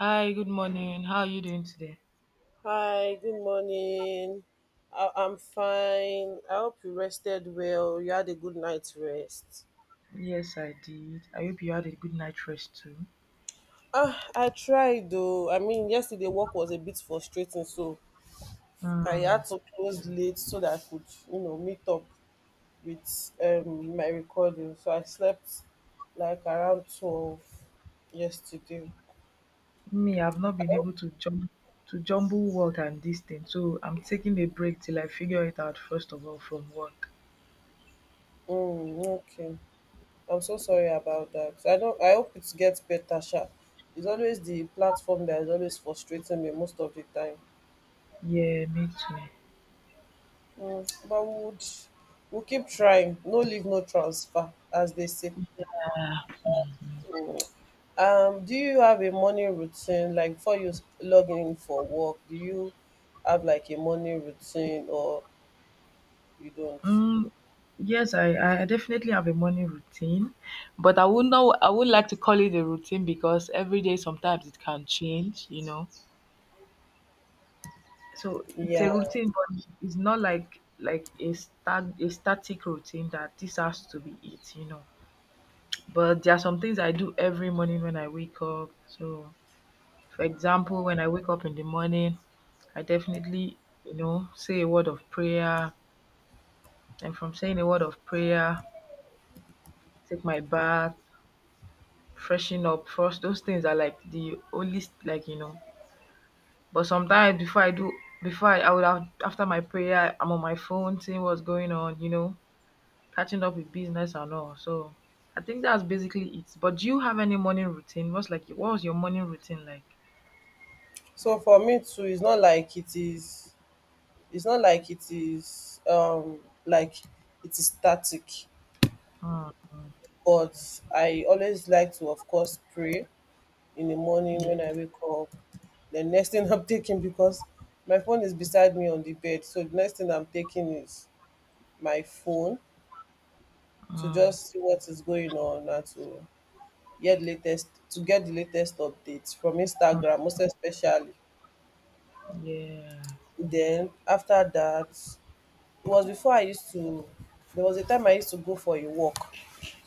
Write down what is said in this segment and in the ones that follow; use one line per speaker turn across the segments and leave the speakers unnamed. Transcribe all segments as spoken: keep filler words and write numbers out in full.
Hi, good morning. How are you doing today?
Hi, good morning. I- I'm fine. I hope you rested well. You had a good night's rest.
Yes, I did. I hope you had a good night rest too.
Ah, I tried though. I mean, yesterday work was a bit frustrating, so I
Mm.
had to close late so that I could, you know, meet up with um my recording. So I slept like around twelve yesterday.
Me, I've not
I
been
hope-
able to jump to jumble work and this thing, so I'm taking a break till I figure it out first of all from work.
Mm, okay. I'm so sorry about that. I don't I hope it gets better, sha. It's always the platform that is always frustrating me most of the time.
Yeah, me too.
Mm, but we would we'll keep trying. No leave, no transfer, as they say. Um, do you have a morning routine like before you s- log in for work? Do you have like a morning routine or you don't?
Mm, yes, I, I definitely have a morning routine, but I would not I would like to call it a routine because every day sometimes it can change, you know. so it's a
Yeah.
routine, but it's not like like a stat a static routine that this has to be it you know But there are some things I do every morning when I wake up. So for example, when I wake up in the morning, I definitely, you know say a word of prayer, and from saying a word of prayer, take my bath, freshen up first. Those things are like the only, like you know but sometimes before I do, before I, I would have after my prayer, I'm on my phone seeing what's going on, you know catching up with business and all. So I think that's basically it. But do you have any morning routine? What's like what was your morning routine like?
So for me too, it's not like it is. It's not like it is. Um, like it is static.
Mm,
But I always like to, of course, pray in the morning
yeah.
when I wake up. The next thing I'm taking, because my phone is beside me on the bed, so the next thing I'm taking is my phone, to
Mm,
just see what is going on and to get latest to get the latest updates from
mm,
Instagram, most especially.
yeah.
Then after that, it was before I used to. There was a time I used to go for a walk,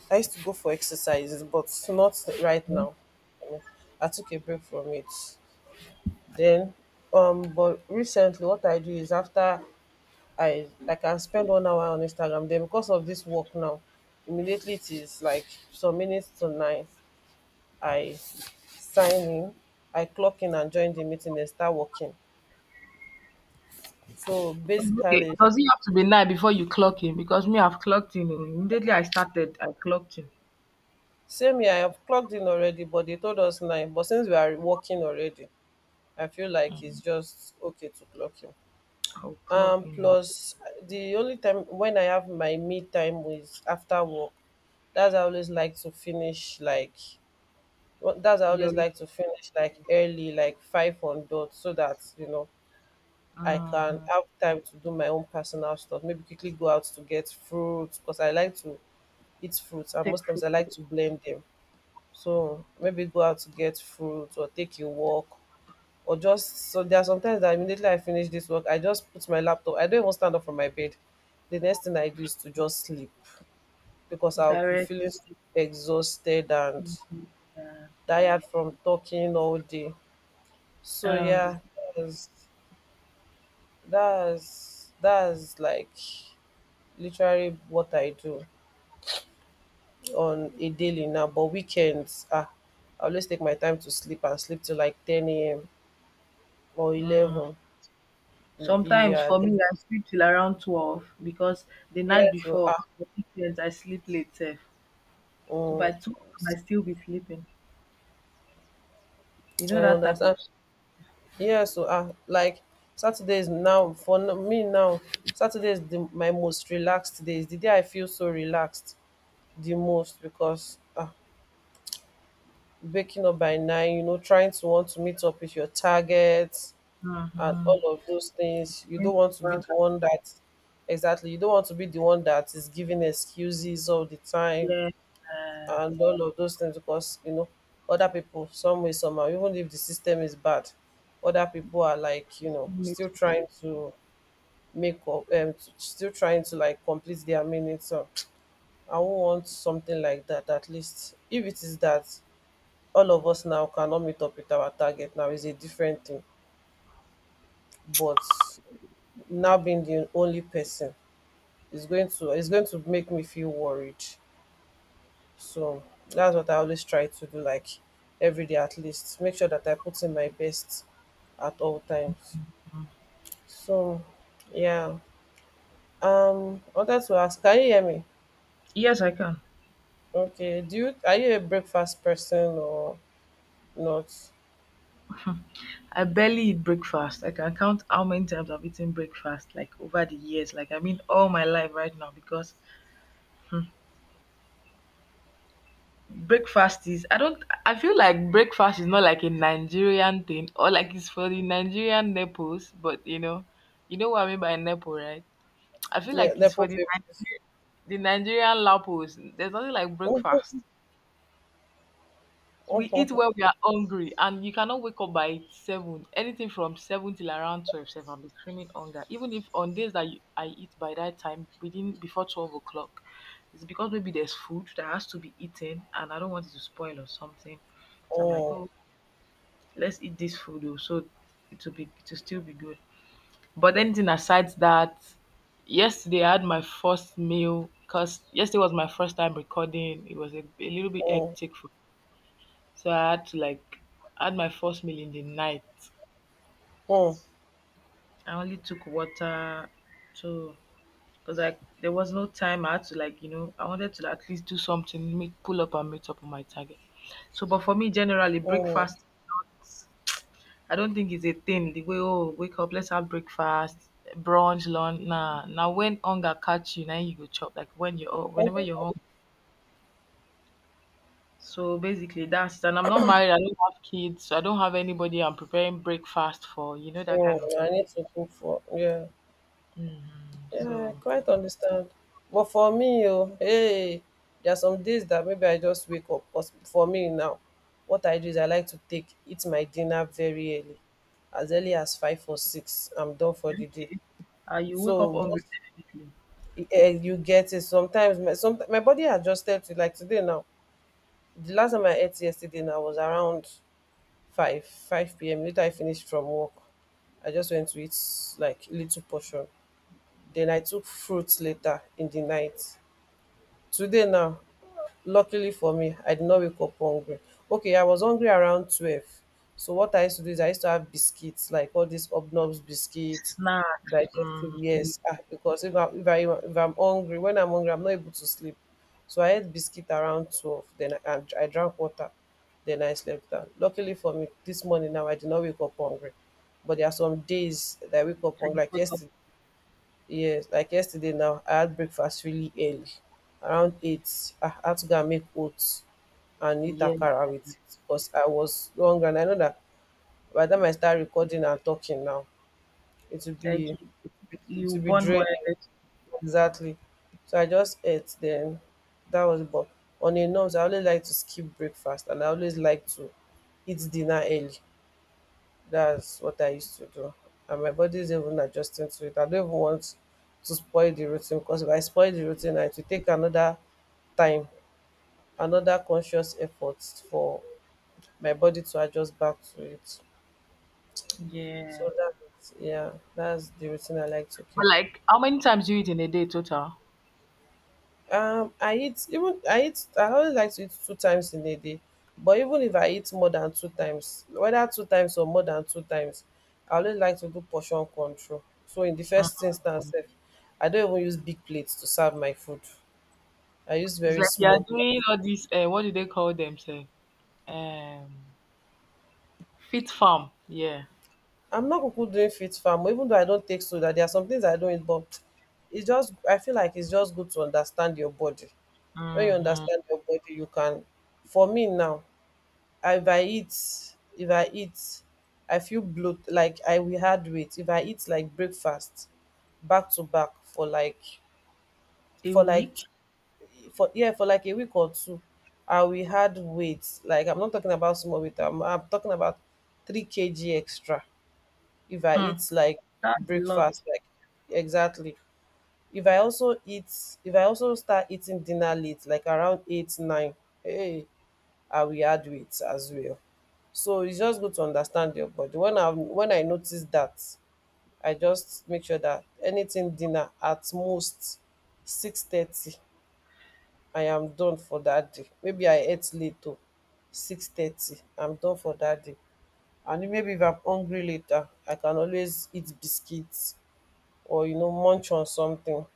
I used to go for exercises, but not right
Yeah.
now. I mean, I took a break from it. Then, um, but recently, what I do is after I like, I can spend one hour on Instagram. Then, because of this work now, immediately it is like some minutes to nine. I sign in, I clock in and join the meeting and start working. So
Okay.
basically,
Does it have to be night before you clock in? Because me, I've clocked in. Oh. Immediately I started, I clocked in.
same here. I have clocked in already, but they told us nine. But since we are working already, I feel like it's just okay to clock in.
I'll
Um,
clock in. Oh.
plus, the only time when I have my me time is after work. That's i always like to finish like wha- that's I
Your,
always like to finish like early, like five on dot, so that, you know, I can
mhm.
have time to do my own personal stuff. Maybe quickly go out to get fruits, because I like to eat fruits, and
Take
most times I
photo.
like to blend them. So maybe go out to get fruits or take a walk or just- so there are sometimes that immediately I finish this work, I just put my laptop. I don't even stand up from my bed. The next thing I do is to just sleep, because I'll be
Direct.
feeling so exhausted and
Mhm, yeah.
tired from talking all day. So
Um,
yeah, that's that's that's like literally what I do on a daily now. But weekends, ah, I always take my time to sleep and sleep till like ten a.m. or
mm.
eleven.
Sometimes
Yeah,
for
the-
me, I sleep till around twelve because the
yeah.
night
So
before,
ah,
for weekends, I sleep late, sef. So by
mm.
two, I might still be sleeping. You know
I
that type of
understand.
s—
Yeah, so uh, like Saturday is now for n- me now. Saturday is the, my most relaxed day. It's the day I feel so relaxed the most because uh, waking up by nine, you know, trying to want to meet up with your targets and
Mhm.
all of those things. You
Went
don't want to
to
be
work
the one that- exactly. You don't want to be the one that is giving excuses all the
and
time.
hear, uh,
And all of those things, because you know, other people, some way somehow, even if the system is bad, other people are like, you know,
listening native
still trying
music.
to make up um t- still trying to like complete their meaning. So I won't want something like that. At least if it is that all of us now cannot meet up with our target, now is a different thing. But now, being the only person, is going to is going to make me feel worried. So that's what I always try to do, like every day at least. Make sure that I put in my best at all times. So yeah. Um I wanted to ask, can you hear me?
Yes, I can.
Okay. Do you Are you a breakfast person or not?
I barely eat breakfast. I can count how many times I've eaten breakfast, like over the years. Like, I mean, all my life right now, because, hmm, breakfast is— I don't. I feel like breakfast is not like a Nigerian thing, or like it's for the Nigerian nepos. But you know, you know what I mean by nepo, right? I feel
Yeah,
like it's
Nepo
for the
babies.
Nigerian, the Nigerian lapos. There's nothing like
Oh, oh,
breakfast. We eat
oh,
when we are hungry, and you cannot wake up by seven. Anything from seven till around twelve, seven, I'll be screaming hunger. Even if on days that you— I eat by that time, within before twelve o'clock, it's because maybe there's food that has to be eaten, and I don't want it to spoil or something. So I'm like,
oh,
oh, let's eat this food, oh, so it will be, it will still be good. But anything aside that, yesterday I had my first meal because yesterday was my first time recording. It was a, a little bit hectic, for, so I had to like— I had my first meal in the night. I only took water, so because like there was no time. I had to, like, you know I wanted to at least do something, make pull up and meet up on my target. So, but for me generally,
oh.
breakfast is not— I don't think it's a thing the way oh wake up, let's have breakfast, brunch, lunch. Nah, now when hunger catch you, now you go chop. Like when you're hu- whenever you're hungry. So basically, that's it. And I'm not married. I don't have kids. So I don't have anybody I'm preparing breakfast for. You know that kind of.
I need to cook for, yeah.
Mm-hmm.
Yeah, I
So
quite understand. But for me, oh, hey, there are some days that maybe I just wake up. Because for me now, what I do is I like to take eat my dinner very early, as early as five or six. I'm done for the day.
okay. uh, you wake up
So
hungry
most-
definitely.
eh, you get it. Sometimes my- some my body adjusted to like today now. The last time I ate yesterday now was around five five p.m. Later I finished from work. I just went to eat like little portion. Then I took fruits later in the night. Today now, luckily for me, I did not wake up hungry. Okay, I was hungry around twelve. So what I used to do is I used to have biscuits, like all these obnobs biscuits,
Snacks.
digestive.
Mm,
Yes, ah, because if, I, if, I, if i'm hungry, when I'm hungry, I'm not able to sleep. So I ate biscuit around twelve, then i, I, I drank water, then I slept down. Luckily for me, this morning now, I did not wake up hungry. But there are some days that I wake up
and
hungry,
you
like
wake up.
yesterday. Yes, like yesterday now, I had breakfast really early, around eight. I had to go and make oats and eat
Yeah.
akara with it because I was hungry. And I know that by the time I start recording and talking now, it will
Like
be
you,
it
you
will be
burn more
draining.
energy.
Exactly. So I just ate then. That was- but on a norms, I always like to skip breakfast and I always like to eat dinner early. That's what I used to do. And my body is even adjusting to it. I don't even want to spoil the routine, because if I spoil the routine, it will take another time, another conscious effort for my body to adjust back to it.
Yeah.
So that, yeah, that's the routine I like to
But
keep.
like, how many times do you eat in a day total?
Um, I eat- even I eat I always like to eat two times in a day. But even if I eat more than two times, whether two times or more than two times, I always like to do portion control. So in the first instance, sef, I don't even use big plates to serve my food. I use
It's
very
like they are
small
doing
plates.
all this. uh, what do they call themselves? Um, fit farm. Yeah.
I'm not kuku doing fit farm, even though I don't take soda. There are some things I don't eat, but it's just- I feel like it's just good to understand your body. When you
Hmm.
understand your body, you can. For me now, if I eat, if I eat, I feel bloat, like I will add weight. If I eat like breakfast back to back for like
A
for like
week.
for yeah for like a week or two, I will add weight. Like I'm not talking about small weight. I'm, I'm talking about three kg extra if I
Hmm.
eat like
That's a
breakfast.
lot.
Like exactly. If I also eat, if I also start eating dinner late, like around eight nine, hey, I will add weight as well. So it's just good to understand your body. When I when I notice that, I just make sure that anything dinner at most six thirty, I am done for that day. Maybe I ate late o, six thirty, I'm done for that day. And if- maybe if I'm hungry later, I can always eat biscuits or, you know, munch on something.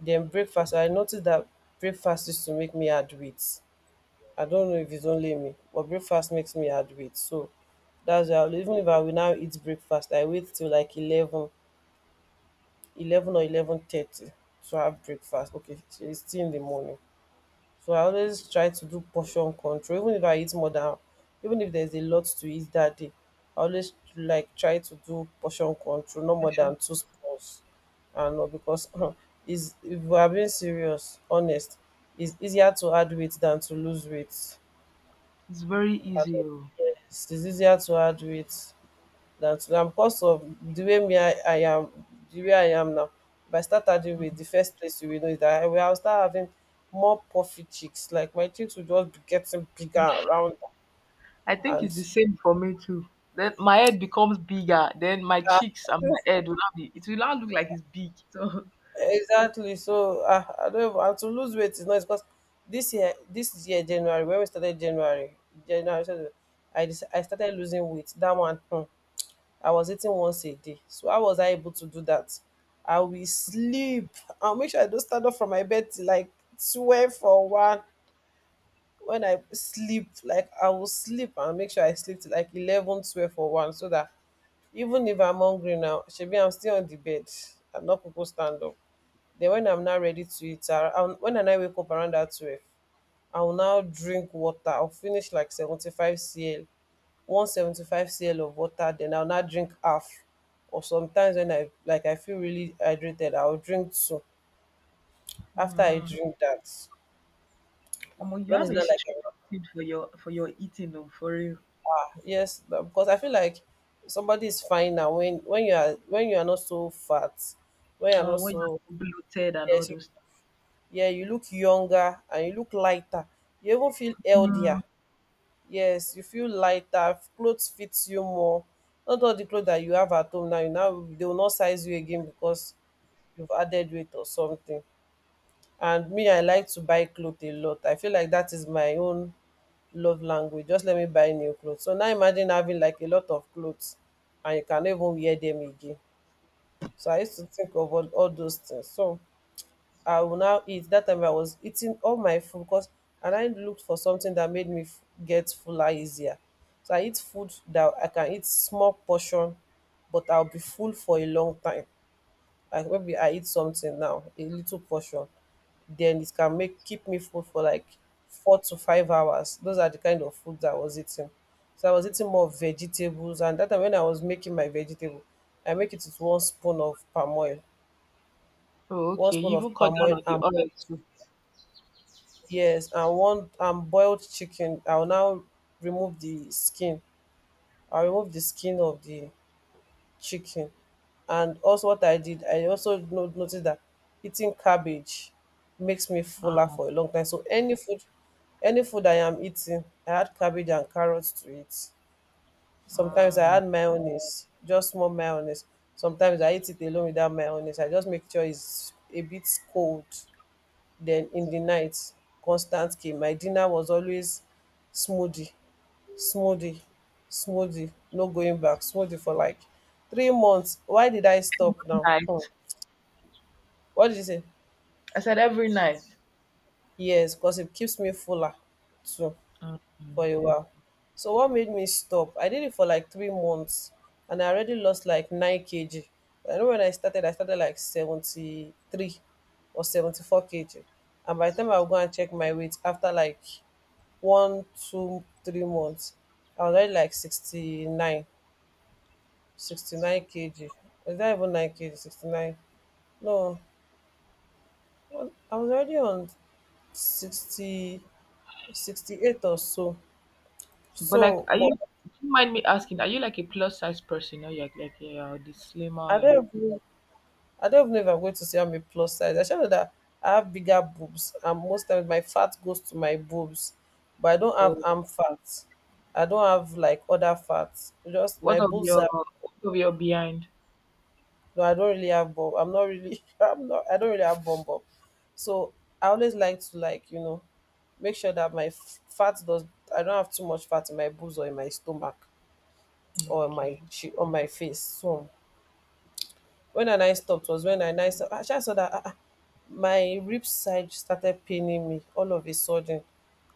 Then breakfast, I notice that breakfast used to make me add weight. I don't know if it's only me, but breakfast makes me add weight. So that's why I'll- even if I will now eat breakfast, I wait till like eleven, eleven or eleven thirty to have breakfast. Okay, it's still in the morning. So I always try to do portion control. Even if I eat more than- even if there's a lot to eat that day, I always like try to do portion control, no
I'm
more
sure.
than two spoons. I know, because is- if we are being serious, honest, it's easier to add weight than to lose weight.
It's very easy, oh.
Yes, it's easier to add weight than to lose, because of the way me I, I am, the way I am now. If I start adding weight, the first place you will know is that I will I'll start having more puffy cheeks. Like my cheeks will just be getting bigger and round
I think it's the
and
same for me too. Then my head becomes bigger. Then my
ah,
cheeks and my head will not be— it will not look like it's big. So,
exactly. So ah, I don't even- and to lose weight is not- because this year- this year January- when we started January, January started, I started- I started losing weight. That one, hmm, I was eating once a day. So how was I able to do that? I will sleep. I'll make sure I don't stand up from my bed till like twelve or one. When I sleep, like I will sleep and make sure I sleep till like eleven twelve 12 or one, so that even if I'm hungry now, shebi I'm still on the bed. I'm not people stand up. Then when I'm not ready to eat, I, I- when I now wake up around that twelve, I will now drink water. I'll finish like seventy-five cl, one seventy-five cl of water. Then I'll not drink half, or sometimes when I, like, I feel really hydrated, I'll drink two. After I
mm.
drink that,
Omo, you
when
have
it's
a
not like
strict
I'm-
routine for your for your eating, oh, for real.
yes, but- because I feel like somebody is fine now, when when you are when you are not so fat, when you are
Uh,
not
when you
so,
bloated and all
yes you,
those.
yeah, you look younger and you look lighter. You even feel healthier.
Mm.
Yes, you feel lighter, clothes fit you more. Not all the clothes that you have at home now, you now they will not size you again, because you've added weight or something. And me, I like to buy clothes a lot. I feel like that is my own love language. Just let me buy new clothes. So now imagine having like a lot of clothes and you cannot even wear them again. So I used to think of all, all those things. So I will now eat. That time I was eating all my food because, and I looked for something that made me f- get fuller easier. So I eat food that I can eat small portion, but I'll be full for a long time. Like maybe I eat something now a little portion, then it can make keep me full for like four to five hours. Those are the kind of food that I was eating. So I was eating more vegetables, and that time when I was making my vegetable, I make it with one spoon of palm oil,
Oh,
one
okay.
spoon
You
of
even cut
palm
down
oil.
on the
And
oil too.
yes, and one and boiled chicken, I will now remove the skin. I'll remove the skin of the chicken. And also, what I did, I also no- noticed that eating cabbage makes me fuller for a long time. So any food, any food I am eating, I add cabbage and carrots to it. Sometimes I
Mm.
add mayonnaise, just more mayonnaise. Sometimes I eat it alone without mayonnaise. I just make sure it's a bit cold. Then in the night, constant came. My dinner was always smoothie, smoothie, smoothie. No going back. Smoothie for like three months. Why did I stop now?
Right.
Um what did you say?
I said every night.
Yes, because it keeps me fuller too
Mm.
for a while. So what made me stop? I did it for like three months, and I already lost like nine kilograms. I know when i started i started like seventy-three or seventy-four k g. And by the time I would go and check my weight after like one two three months, I was already like sixty-nine, sixty-nine k g. Is that even nine k g? sixty-nine. No, well, I was already on sixty sixty eight or so.
But like,
So,
are
but
you— do you mind me asking, are you like a plus size person, or you're like like, yeah, the slimmer
I
and—
don't even, I don't even know if I'm going to say I'm a plus size. I should know that I have bigger boobs, and most times my fat goes to my boobs, but I don't
oh,
have arm fat. I don't have like other fats. Just my
what of
boobs
your
are.
what of your behind?
No, I don't really have bob. I'm not really. I'm not. I don't really have bum bob. So I always like to, like, you know, make sure that my f- fat does. I don't have too much fat in my boobs or in my stomach or in my
Okay.
che- on my face. So when I now stopped was when I now saw- actually I saw that ah, ah, my rib side started paining me all of a sudden.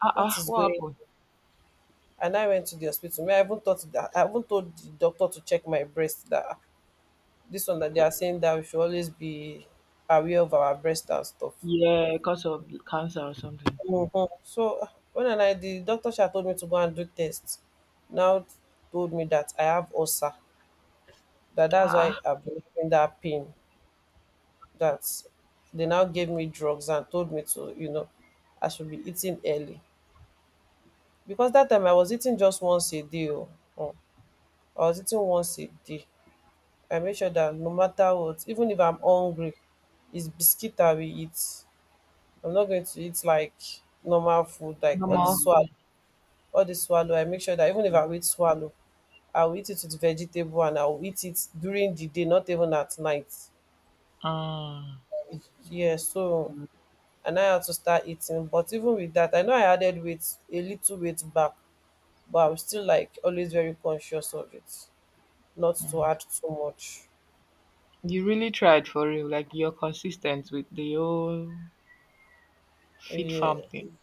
Ah, uh,
What
ah,
is
what
going?
happened?
And I went to the hospital. Me, I even thought that I even told the doctor to check my breast, that ah, this one that they are saying that we should always be aware of our breast and stuff.
Yeah, because of cancer or something.
Mhm. So when I, like, the doctor she had told me to go and do tests, now told me that I have ulcer. That
Ah,
that's why
ah,
I've been having that pain. That they now gave me drugs and told me to, you know, I should be eating early. Because that time I was eating just once a day. Oh. Mm. I was eating once a day. I make sure that no matter what, even if I'm hungry, it's biscuit I will eat. I'm not going to eat like normal food, like all the
normal.
swallow,
Mm.
all the swallow. I make sure that even if I eat swallow, I'll eat it with vegetable, and I'll eat it during the day, not even at night.
Mm,
Yeah, so, and I had to start eating. But even with that, I know I added weight, a little weight back, but I'm still like always very conscious of it, not to
mm.
add too much.
You really tried, for real. Like, you're consistent with the whole fit
Yeah,
farm thing.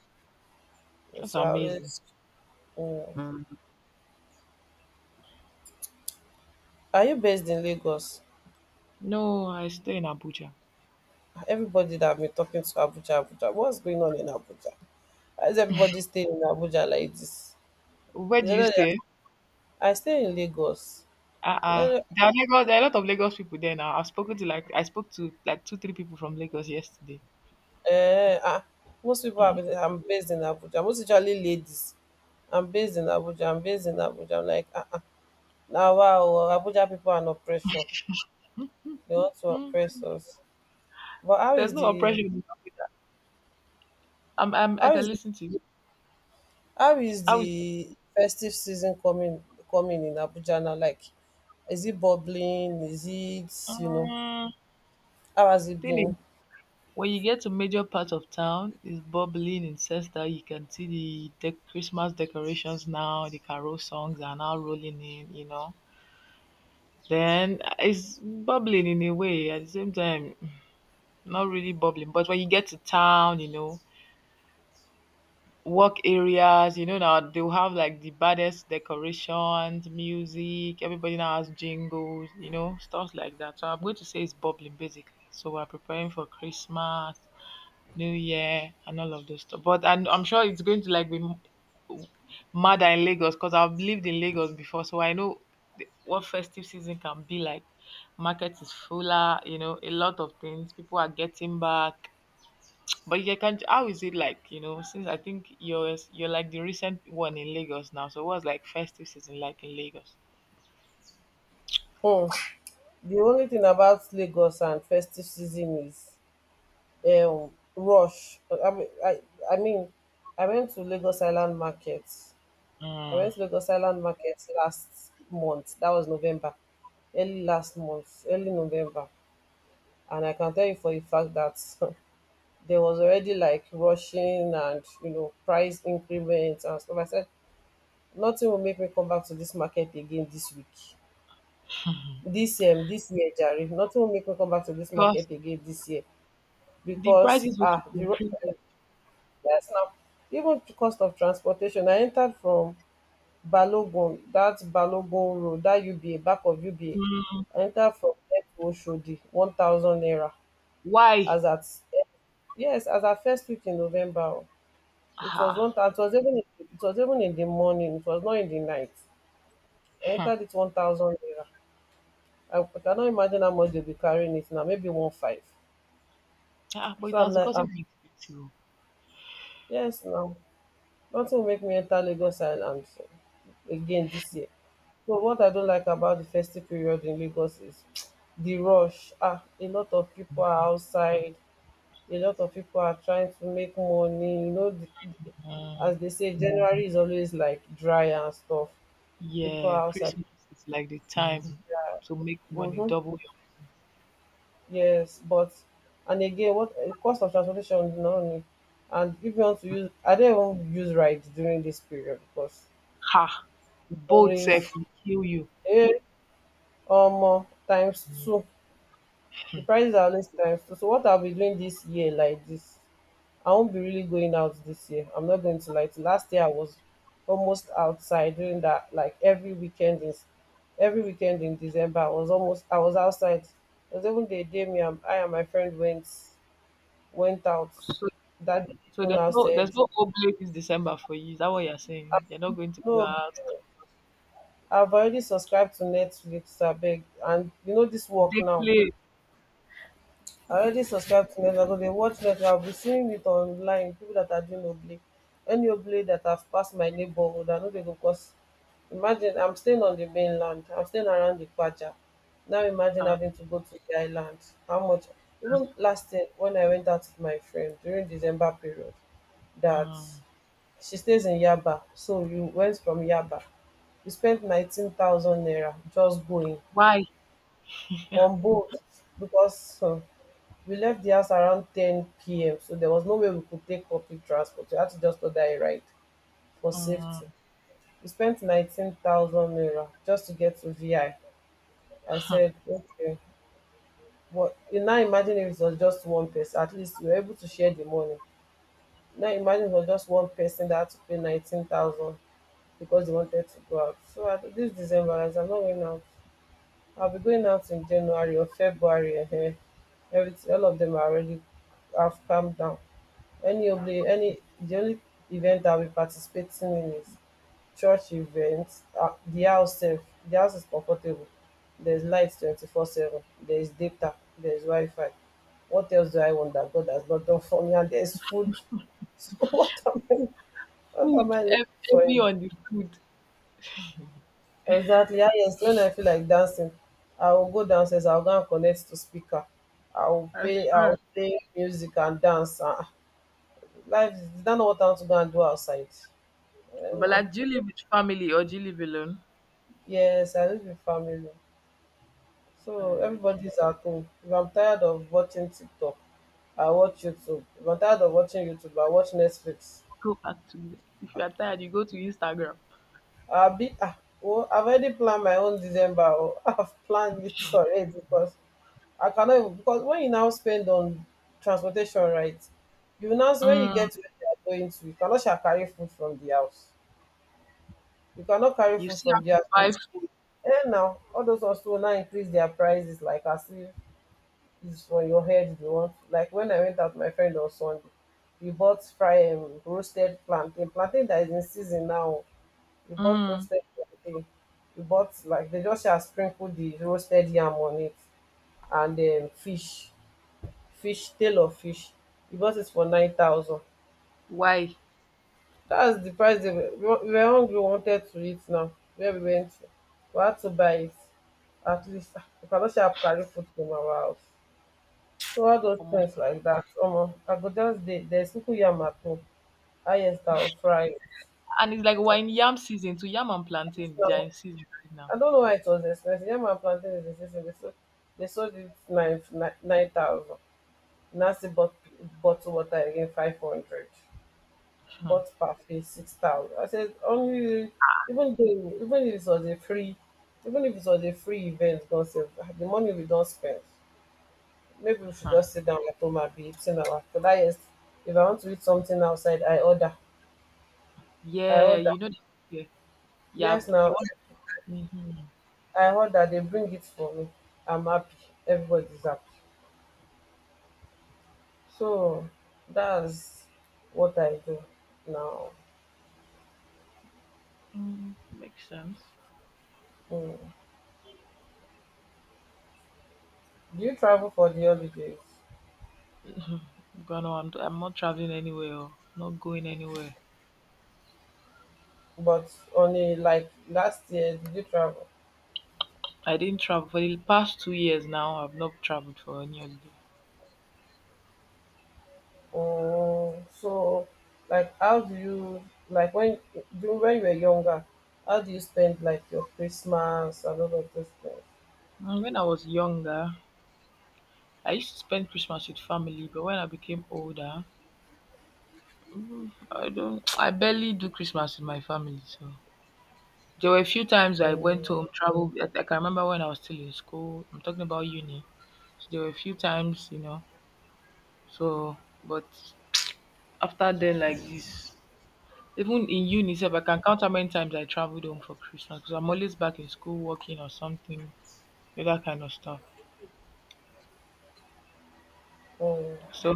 That's
so I
amazing.
always. Mm. Are you based in Lagos?
No, I stay in Abuja.
Everybody that I've been talking to, Abuja, Abuja, what's going on in Abuja? Why is everybody staying in Abuja like this?
Where
Is
do you
that
stay?
I stay in Lagos. Is
Uh-uh.
that
There are Lagos— there are a lot of Lagos people there now. I've spoken to like— I spoke to like two, three people from Lagos yesterday.
Eh, ah, most people are based, I'm based in Abuja. Most usually ladies. I'm based in Abuja. I'm based in Abuja. I'm like, ah, ah. Now, wow, Abuja people are an oppression. They want to
Hmm.
oppress us. But how
There's
is
no
the,
oppression in Africa. I'm, I'm I
how
can
is the,
listen to you.
how is
I was
the festive season coming coming in Abuja now? Like, is it bubbling? Is it, you know,
um,
how has it
thing is,
been?
when you get to major part of town, it's bubbling in sense that you can see the de- Christmas decorations now, the carol songs are now rolling in, you know. Then uh, it's bubbling in a way at the same time, not really bubbling. But when you get to town, you know, work areas, you know, now they'll have like the baddest decorations, music, everybody now has jingles, you know, stuff like that. So I'm going to say it's bubbling basically. So we're preparing for Christmas, New Year, and all of those stuff. But and I'm sure it's going to like be m- madder in Lagos because I've lived in Lagos before, so I know the- what festive season can be like. Market is fuller, you know, a lot of things. People are getting back. But you can— how is it like? You know, since I think you're you're like the recent one in Lagos now. So what's like festive season like in Lagos?
Hmm. The only thing about Lagos and festive season is um rush. i mean i I mean, I went to Lagos Island Market, i
Mm.
went to lagos island market last month. That was November, early last month, early November. And I can tell you for a fact that there was already like rushing, and you know, price increments and stuff. I said nothing will make me come back to this market again this week this um this year, Jerry. Nothing will make me come back to this
Because
market again this year.
the
Because
prices will keep
ah, the ru-
increasing.
yes, now even the cost of transportation. I entered from Balogun, that Balogun road, that U B A, back of
Mm.
U B A. I entered from there to Oshodi, one thousand naira.
Why?
As at yes, as at first week in November, oh. It was
Ah.
one, thou- it was even, it was even in the morning. It was not in the night. I
Hmm.
entered it one thousand naira. I cannot imagine how much they'll be carrying it now. Maybe one five.
Ah, but
So
it
I'm
has
like, ah,
gotten more expensive.
yes, now nothing will make me enter Lagos Island again this year. But what I don't like about the festive period in Lagos is the rush. Ah, a lot of people are outside. A lot of people are trying to make money. You know, the, the-
Mm.
as they say, January is always like dry and stuff. People
Yeah,
are outside.
Christmas is like the— mm— time to make money,
Mm-hmm.
double your—
Yes, but, and again, what eh, cost of transportation? Is not only, and if you want to use, I don't even use rides during this period because
ha.
it's
Both self
always
will kill you.
eh, um, times two. The prices are always times two. So what I'll be doing this year like this, I won't be really going out this year. I'm not going to lie to you. Last year I was almost outside doing that, like every weekend in every weekend in December. I was almost I was outside. There was even the day me and I and my friend went went out.
So,
That day
so
people
there's
now
no—
said,
there's no oblate this December for you? Is that what you're saying? You're not going to go
No,
out.
I've already subscribed to Netflix, I beg. And you know this work
They
now.
play.
I already subscribed to Netflix. I go dey watch Netflix. I'll be seeing it online. People that are doing oblique. Any oblique that have passed my neighborhood, I know they go cause. Imagine I'm staying on the mainland. I'm staying around the Kwaja. Now imagine
Ah.
having to go to the island. How much? Even last year when I went out with my friend during December period, that
Mm.
she stays in Yaba. So you went from Yaba. You spent nineteen thousand naira just going
Why?
on boat because um we left the house around ten p m. So there was no way we could take public transport. We had to just order a ride for
Um,
safety. We spent nineteen thousand naira just to get to VI. I I said okay, but you now imagine if it was just one person, at least we were able to share the money. Now imagine if it was just one person that had to pay nineteen thousand because they wanted to go out. So at this December, as I'm not going out, I'll be going out in January or February. Um everything, all of them are already, have calmed down. Any of the any the only event I'll be participating in is church events. Uh, the house sef, the house is comfortable. There's light twenty-four seven, there's data, there's wi-fi. What else do I want that God has not done for me? And there's food. So what am i what am
food,
i looking
heav-
for
heavy
again?
on the food.
Exactly, ah, yes. When I feel like dancing, I will go downstairs, I will go and connect to speaker, i will
I
play i
swear.
will play music and dance, ah. Life is is that not what I want to go and do outside? Eh,
But
na.
like, do you live with family or do you live alone?
Yes, I live with family. So
Uh,
everybody's at home. If I'm tired of watching TikTok, I watch YouTube. If I'm tired of watching YouTube, I watch Netflix.
go back to— if you are tired, you go to Instagram.
I'll be ah, well, I've already planned my own December. Oh. I've planned it already because I cannot even- because when you now spend on transportation, right? You now see when you
Mm,
get to where you are going to, you cannot shall carry food from the house. You cannot carry
you
food
still
from
have
the
to buy
house.
food.
And now all those ones too will now increase their prices like as if is for your head you want. Like when I went out with my friend on Sunday, we bought fry um, roasted plantain plantain that is in season now. We bought
Mm,
roasted plantain, we bought like they just have sprinkled the roasted yam on it. And um, fish, fish tail of fish. We bought it for nine thousand.
why?
That's the price they were, we wa- we were hungry, we wanted to eat. Now where we went to, we had to buy it. At least ah, we cannot sharp carry food from our house. So all those
Omo.
things like that, omo, I go just dey. There's ugu yam at home, highest I will fry it.
And it's like we're in yam season. To yam and
This
plantain, they are
now,
in season right now.
I don't know why it was expensive. Yam and plantain is expensive. They sold, they sold it nine nine thousand. Now see bought bottle water again five hundred.
Hmm,
Bought parfait six thousand. I said only even though even if it was a free, even if it was a free event, God save the money we don't spend. Maybe we should
hmm.
just sit down at home and be eating our food. That is, if I want to eat something outside, I order. I
Yeah,
order.
you know. Yeah, yeah.
Yes,
You
now
want? Mhm.
I order. They bring it for me. I'm happy. Everybody's happy. So that's what I do now.
Mm, makes sense.
Mm. Do you travel for the holidays?
I'm gonna. I'm, I'm not traveling anywhere. Or not going anywhere.
But only like last year, did you travel?
I didn't travel for the past two years now. I've not traveled for any holiday.
Mm, so, like, how do you like when during when you were younger? How do you spend like your Christmas and all of those things?
And when I was younger, I used to spend Christmas with family, but when I became older, I don't. I barely do Christmas with my family. So there were a few times I
Mm.
went home, traveled. I, I can remember when I was still in school. I'm talking about uni. So there were a few times, you know. So, but after then, like this, even in uni, sef, I can count how many times I traveled home for Christmas because I'm always back in school working or something, you know, that kind of stuff.
Mm.
So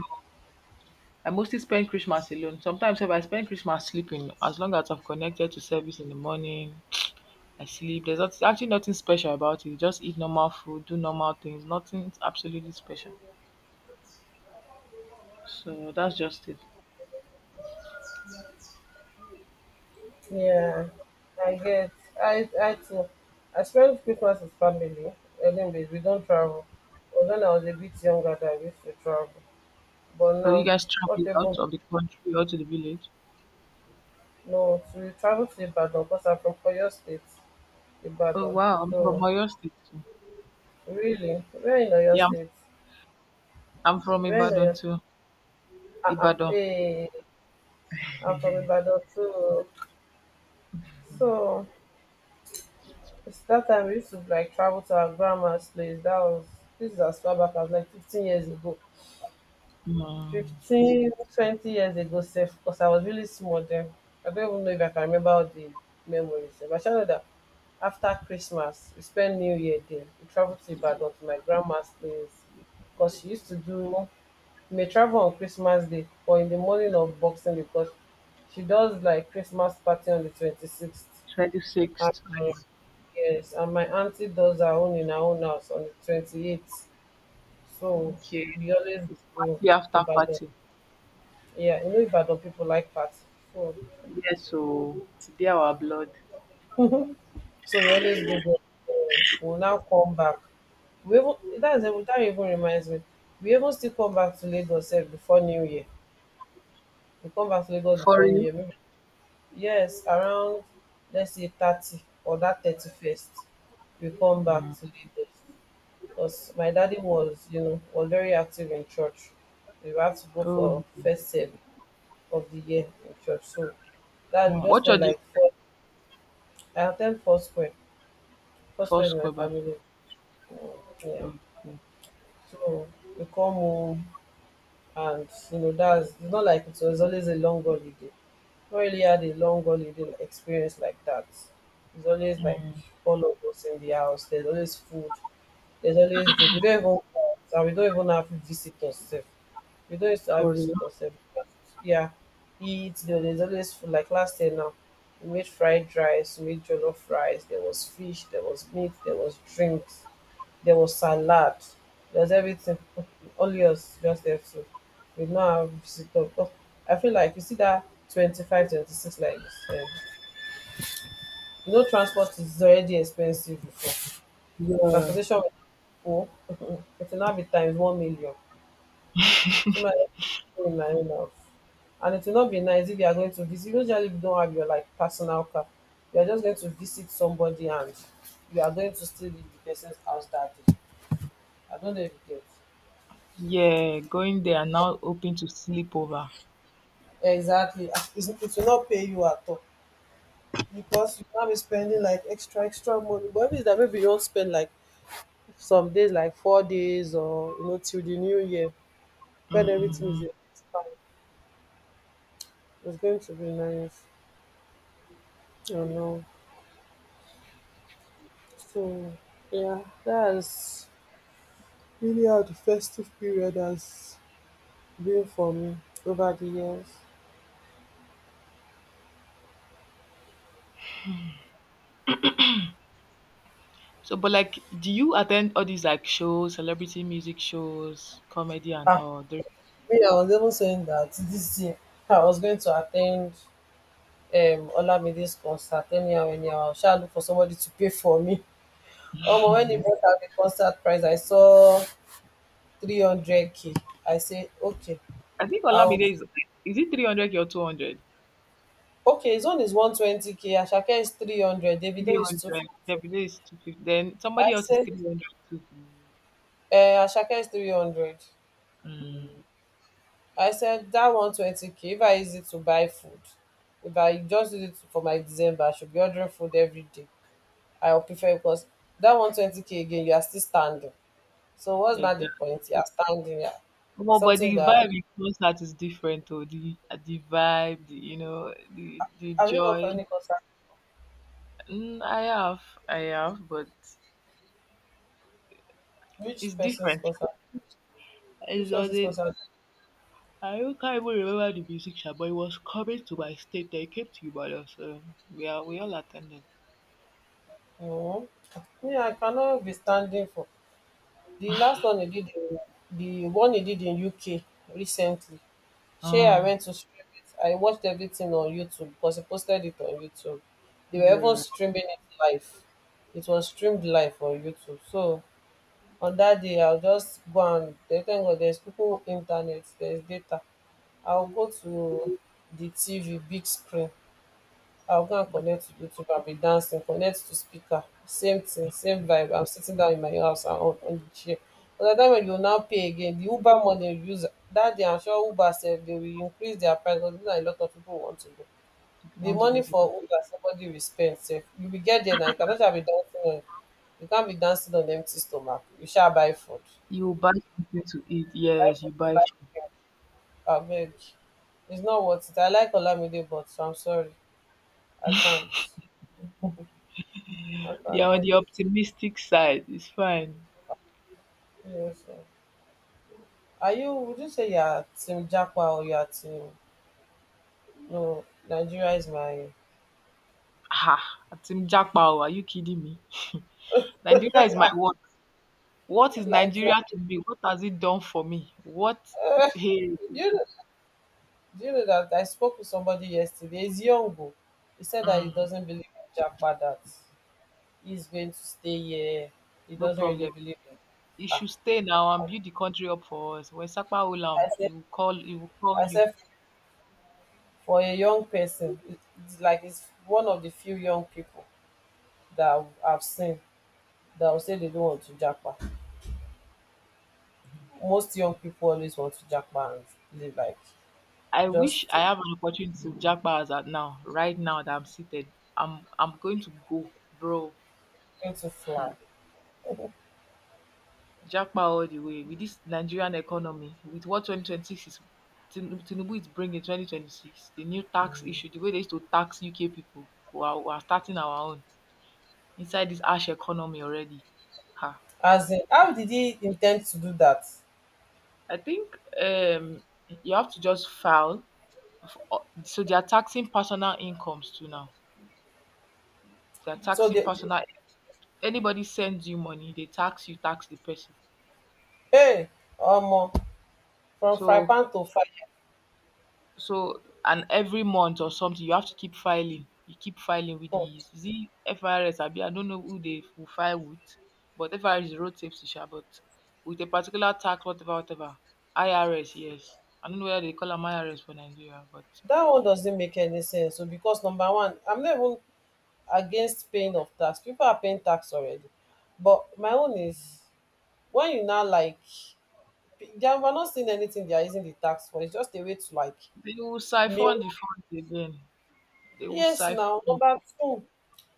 I mostly spend Christmas alone. Sometimes if I spend Christmas sleeping, as long as I've connected to service in the morning, I sleep. There's not— actually nothing special about it. Just eat normal food, do normal things. Nothing absolutely special. So that's just it.
Yeah, I get. I I too. I spent Christmas with family. Anyways, we don't travel. But when I was a bit younger, I used to travel. But
So you
now,
guys
not
travel out
even
of the country or to the village?
no. So we travel to Ibadan because I'm from Oyo State,
Oh
Ibadan.
wow, I'm from
So
Oyo State too.
really, where in Oyo
Yeah, I'm,
State?
I'm from
Where in
Ibadan
Oyo? State?
too.
Ah ah.
Ibadan.
Hey, I'm from Ibadan too. So it's that time we used to like travel to our grandma's place. That was this is as far back as like fifteen years ago.
Mm,
Fifteen twenty years ago, sef, because I was really small then. I don't even know if I can remember all the memories, sef. I just know that after Christmas, we spent New Year there. We traveled to Ibadan to my grandma's place because she used to do, we may travel on Christmas Day or in the morning of Boxing, because she does like Christmas party on the twenty-sixth. And,
twenty-sixth. Mm,
yes, and my auntie does her own in her own house on the twenty-eighth. So
okay.
we always
It's
go
party after
Ibadan.
party.
Yeah, you know Ibadan people like party. So,
Yes, so they are our blood.
so we always go there. Uh, We'll now come back. We even, that's, that even reminds me. We even still come back to Lagos sef before New Year. We come back to Lagos
For
before New
you?
Year. Maybe, yes, around, let's say thirty or that thirty-first, we come back to Lagos. Because my daddy was, you know, was very active in church. We have to go
Oh,
for first service of the year in church. So that we
wow.
just
What are
spent
the—
like four, I attend four square, first
First
my
club Baptist?
family. Um, yeah.
Okay.
So we come home and you know that's it's not like it was always a long holiday. Not really had a long holiday experience like that. It's always like all of us in the house. There's always food. There's always drink. We don't even cook, and we don't even have visitors sef. We don't used to have
For real?
visitors sef. Because, yeah, eat. There- There's always food. Like last year now, we made fried rice, we made jollof rice. There was fish. There was meat. There was drinks, there was salad, there was everything. Only us just there too. We did not have visitor. But I feel like you see that twenty five, twenty six twenty-six, like you said. You know, transport is already expensive before.
Yeah.
Transportation will go, it will now be times one million. So my in my own house. And it will not be nice if you are going to visit. Usually, if you don't have your like personal car, you are just going to visit somebody and you are going to still leave the person's house that day. I don't know if you get.
Yeah, going there and now hoping to sleep over.
Exactly. As- It's, it will not pay you at all because you can't be spending like extra, extra money. But if it's that maybe you don't spend like some days, like four days or, you know, till the new year, when everything
Hmm.
is expired, it's going to be nice, you know. So, yeah, that's really how the festive period has been for me over the years.
So, but like, do you attend all these like shows, celebrity music shows, comedy and
Ah,
all? There,
me, I was even saying that this year I was going to attend um Olamide's concert. Anyhow anyhow, I um look for somebody to pay for me. Omo, when e brought out the concert price, I saw three hundred k. I say okay,
I think
I'll
Olamide is— is it three hundred or two hundred?
okay, his own is one twenty k, Ashake is three hundred,
Three
Davido is two
hundred.
fifty
Every day is two fifty. Then
I
somebody else is
said
three hundred too.
uh, Ashake is three hundred.
Mm,
I said that one twenty k, if I use it to buy food, if I just use it for my December, I should be ordering food every day. I will prefer because that one twenty k, again you are still standing. So what's not the
exactly.
point? You're standing there.
Omo, but
Something
the
that,
vibe in concert is different though. The uh, the vibe, the, you know, the the
have you gone for
joy.
any concert?
Mm, I have, I have, but it's
Which person's
different.
concert?
It
Which
was
person's
a—
concert?
I don't- can't even remember the musician, but it was coming to my state. They came to Ibadan, so we are we all attended.
No. Yeah, I cannot be standing for the last one he did in, the one he did in U K recently. Sure, I
Mm,
went to stream it. I watched everything on YouTube because he posted it on YouTube. They were even
yeah,
streaming it live. It was streamed live on YouTube. So on that day I'll just go and they thank God there's people internet, there's data. I'll go to the T V, big screen. I'll go and connect to YouTube. I'll be dancing, connect to speaker. Same thing, same vibe. I'm sitting down in my house and on, on the chair. By the time when you now pay again, the Uber money you use that day, I'm sure Uber said they will increase their price because this na a lot of people want to go.
you
The
want to go
money
see.
for Uber somebody will spend. Sef. You will get there now. You cannot just be dancing on you can't be dancing on empty stomach. You shall buy food.
You buy something to eat.
You buy
Yes,
food,
you
you
buy
buy
food.
drink. Abeg. It's not worth it. I like Olamide, but I'm sorry. I can't. I
Yeah, on
cannot.
the optimistic side, it's fine.
Yes, sir. Are you? Would you say you're Team Jackwa or you're Team? No, Nigeria is my.
Ha, Team Jackpot, are you kidding me? Nigeria is my world. What is
Like, Ni-
Nigeria to me? What has it done for me? What hey
do you know, do you know that I spoke with somebody yesterday? He's young, oh. He said that he
mm,
doesn't believe in Jackwa. That he's going to stay here. He
no
doesn't really
problem.
believe in.
You
Ah,
should stay now and build the country up for us. When Sakpa
I
Ulam,
said,
he will call he will call
I
you.
said, for a young person, it- it's like it's one of the few young people that I've I've seen that will say they don't want to Jackwa. Most young people always want to japa and live like
I wish
just
I have an opportunity to jackpot as at now, right now that I'm seated. I'm I'm going to go, bro.
going to fly.
Jackpot all the way with this Nigerian economy, with what twenty twenty-six is Tin- Tinubu is bringing twenty twenty-six, the new tax issue, the way they used to tax U K people who are, who are starting our own inside this ash economy already. Ha.
As in, how did he intend to do that?
I think um, you have to just file. f- uh, So they are taxing personal incomes too now. They are
So
taxing
the
personal. Anybody sends you money, they tax you, tax the person.
hey, um, from fry
So
pan to fire.
so and every month or something, you have to keep filing. You keep filing with
Pan.
the, is it F R S? I, I don't know who they will file with, but F R S is road safety, sha, but with a particular tax, whatever, whatever. I R S, yes. I don't know whether they call them I R S for Nigeria, but
That one doesn't make any sense. So because number one, I'm not even against paying of tax. People are paying tax already. But my own is when you now like they are we're not seeing anything they are using the tax for. It's just a way to like
they will
me.
siphon the funds again. They will
Yes,
siphon
now
it.
number two,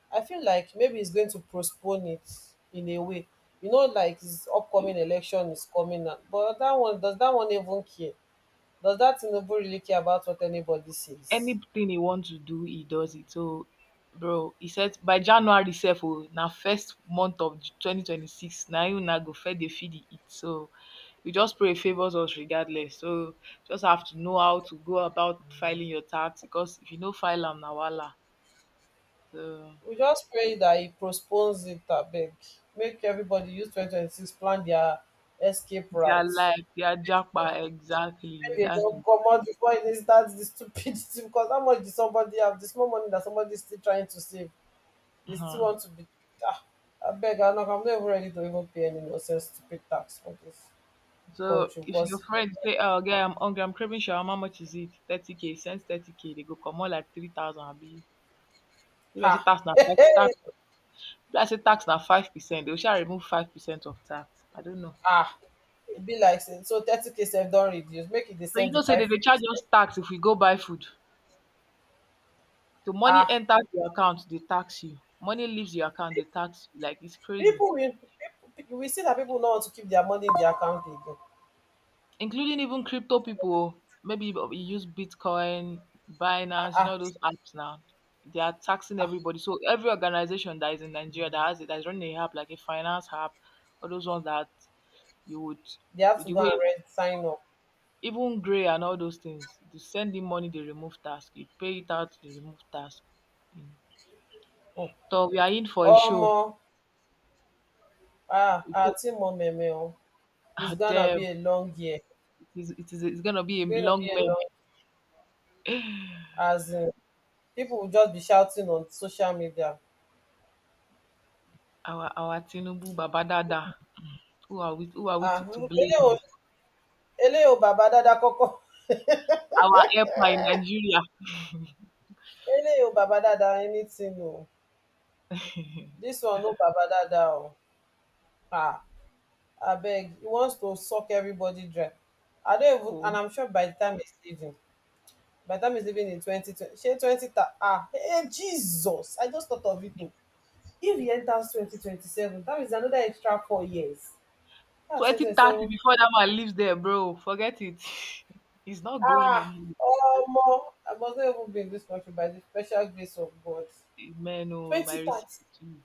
I feel like maybe it's going to postpone it in a way. You know, like this
You-
upcoming election is coming up. But that one does that one even care? Does that Tinubu really care about what anybody says?
Anything he wants to do, he does it. So, bro, he said by January self, oh, now first month of twenty twenty-six, now you now go fed the feed it. So, we just pray it favors us regardless. So, just have to know how to go about filing your tax because if you know file them, na wala. So,
We just pray that he postpones it a bit. Make everybody use twenty twenty six, plan their escape
they are
route.
like, they are jackpot. Exactly.
Maybe they
That's the
don't
one.
come out before it starts the stupidity because how much did somebody have? This more money that somebody is still trying to save. They still want to be. Ah, I beg, I'm not, I'm not even ready to even pay any nonsense stupid tax for this
So
country
if your
because,
friend say, "Oh, guy, I'm hungry. I'm craving shawarma. How much is it? Thirty k. Send thirty k. They go come more like three thousand. Abi, if I say
ha,
tax na five tax, if I say tax na five percent, they will shall remove five percent of tax. I don't know."
ah, it be like, say, so thirty k self don reduce, make it dey
So you
send the
know, say they dey charge us
five percent.
tax if we go buy food. The money
Ah,
enters your account, they tax you. Money leaves your account, they tax you. Like it's crazy.
people will, people, we see that people don't want to keep their money in their account again.
Including even crypto people. Oh. Maybe you you use Bitcoin,
Ah,
Binance, you
ah,
know those apps now. They are taxing
ah,
everybody. So every organization that is in Nigeria that has it, that is running a app like a finance app, or those ones that you would
they have to
the
go
way
and read, sign up.
even Gray and all those things. They send in money, they remove tax. You pay it out, they remove tax. You know.
Mm.
So we are in for a show.
Omo, ah,
We
ah,
pay-
Timo Meme, oh, it's
Ah,
gonna
damn,
be a long year.
it is, it is it's gonna be a
It's going to
long
be a
meme.
long, as in, people will just be shouting on social media.
Our our Tinubu Babadada. Who are we? Who are we
Ah,
to, to blame
eléyìí o
him?
eléyìí o bàbá dáadáa kọ́kọ́,
Our airport in Nigeria.
eléyìí o bàbá dáadáa anything oo, dis one no baba dáadáa oo, ah abeg, he wants to suck everybody dry. I don't even,
Oh,
and I'm sure by the time he's leaving, by the time he's leaving in twenty twen shey twenty ta ah eh Jesus, I just thought of it oo. If he enters twenty twenty seven, that means another extra four years. That's twenty
twenty
twenty
thirty
seven
before that man leaves there, bro. Forget it. He's not going
ah
anywhere.
omo, I must not even be in this country by the special grace of God.
Man, oh, my
Twenty
receipt
thirty,
too.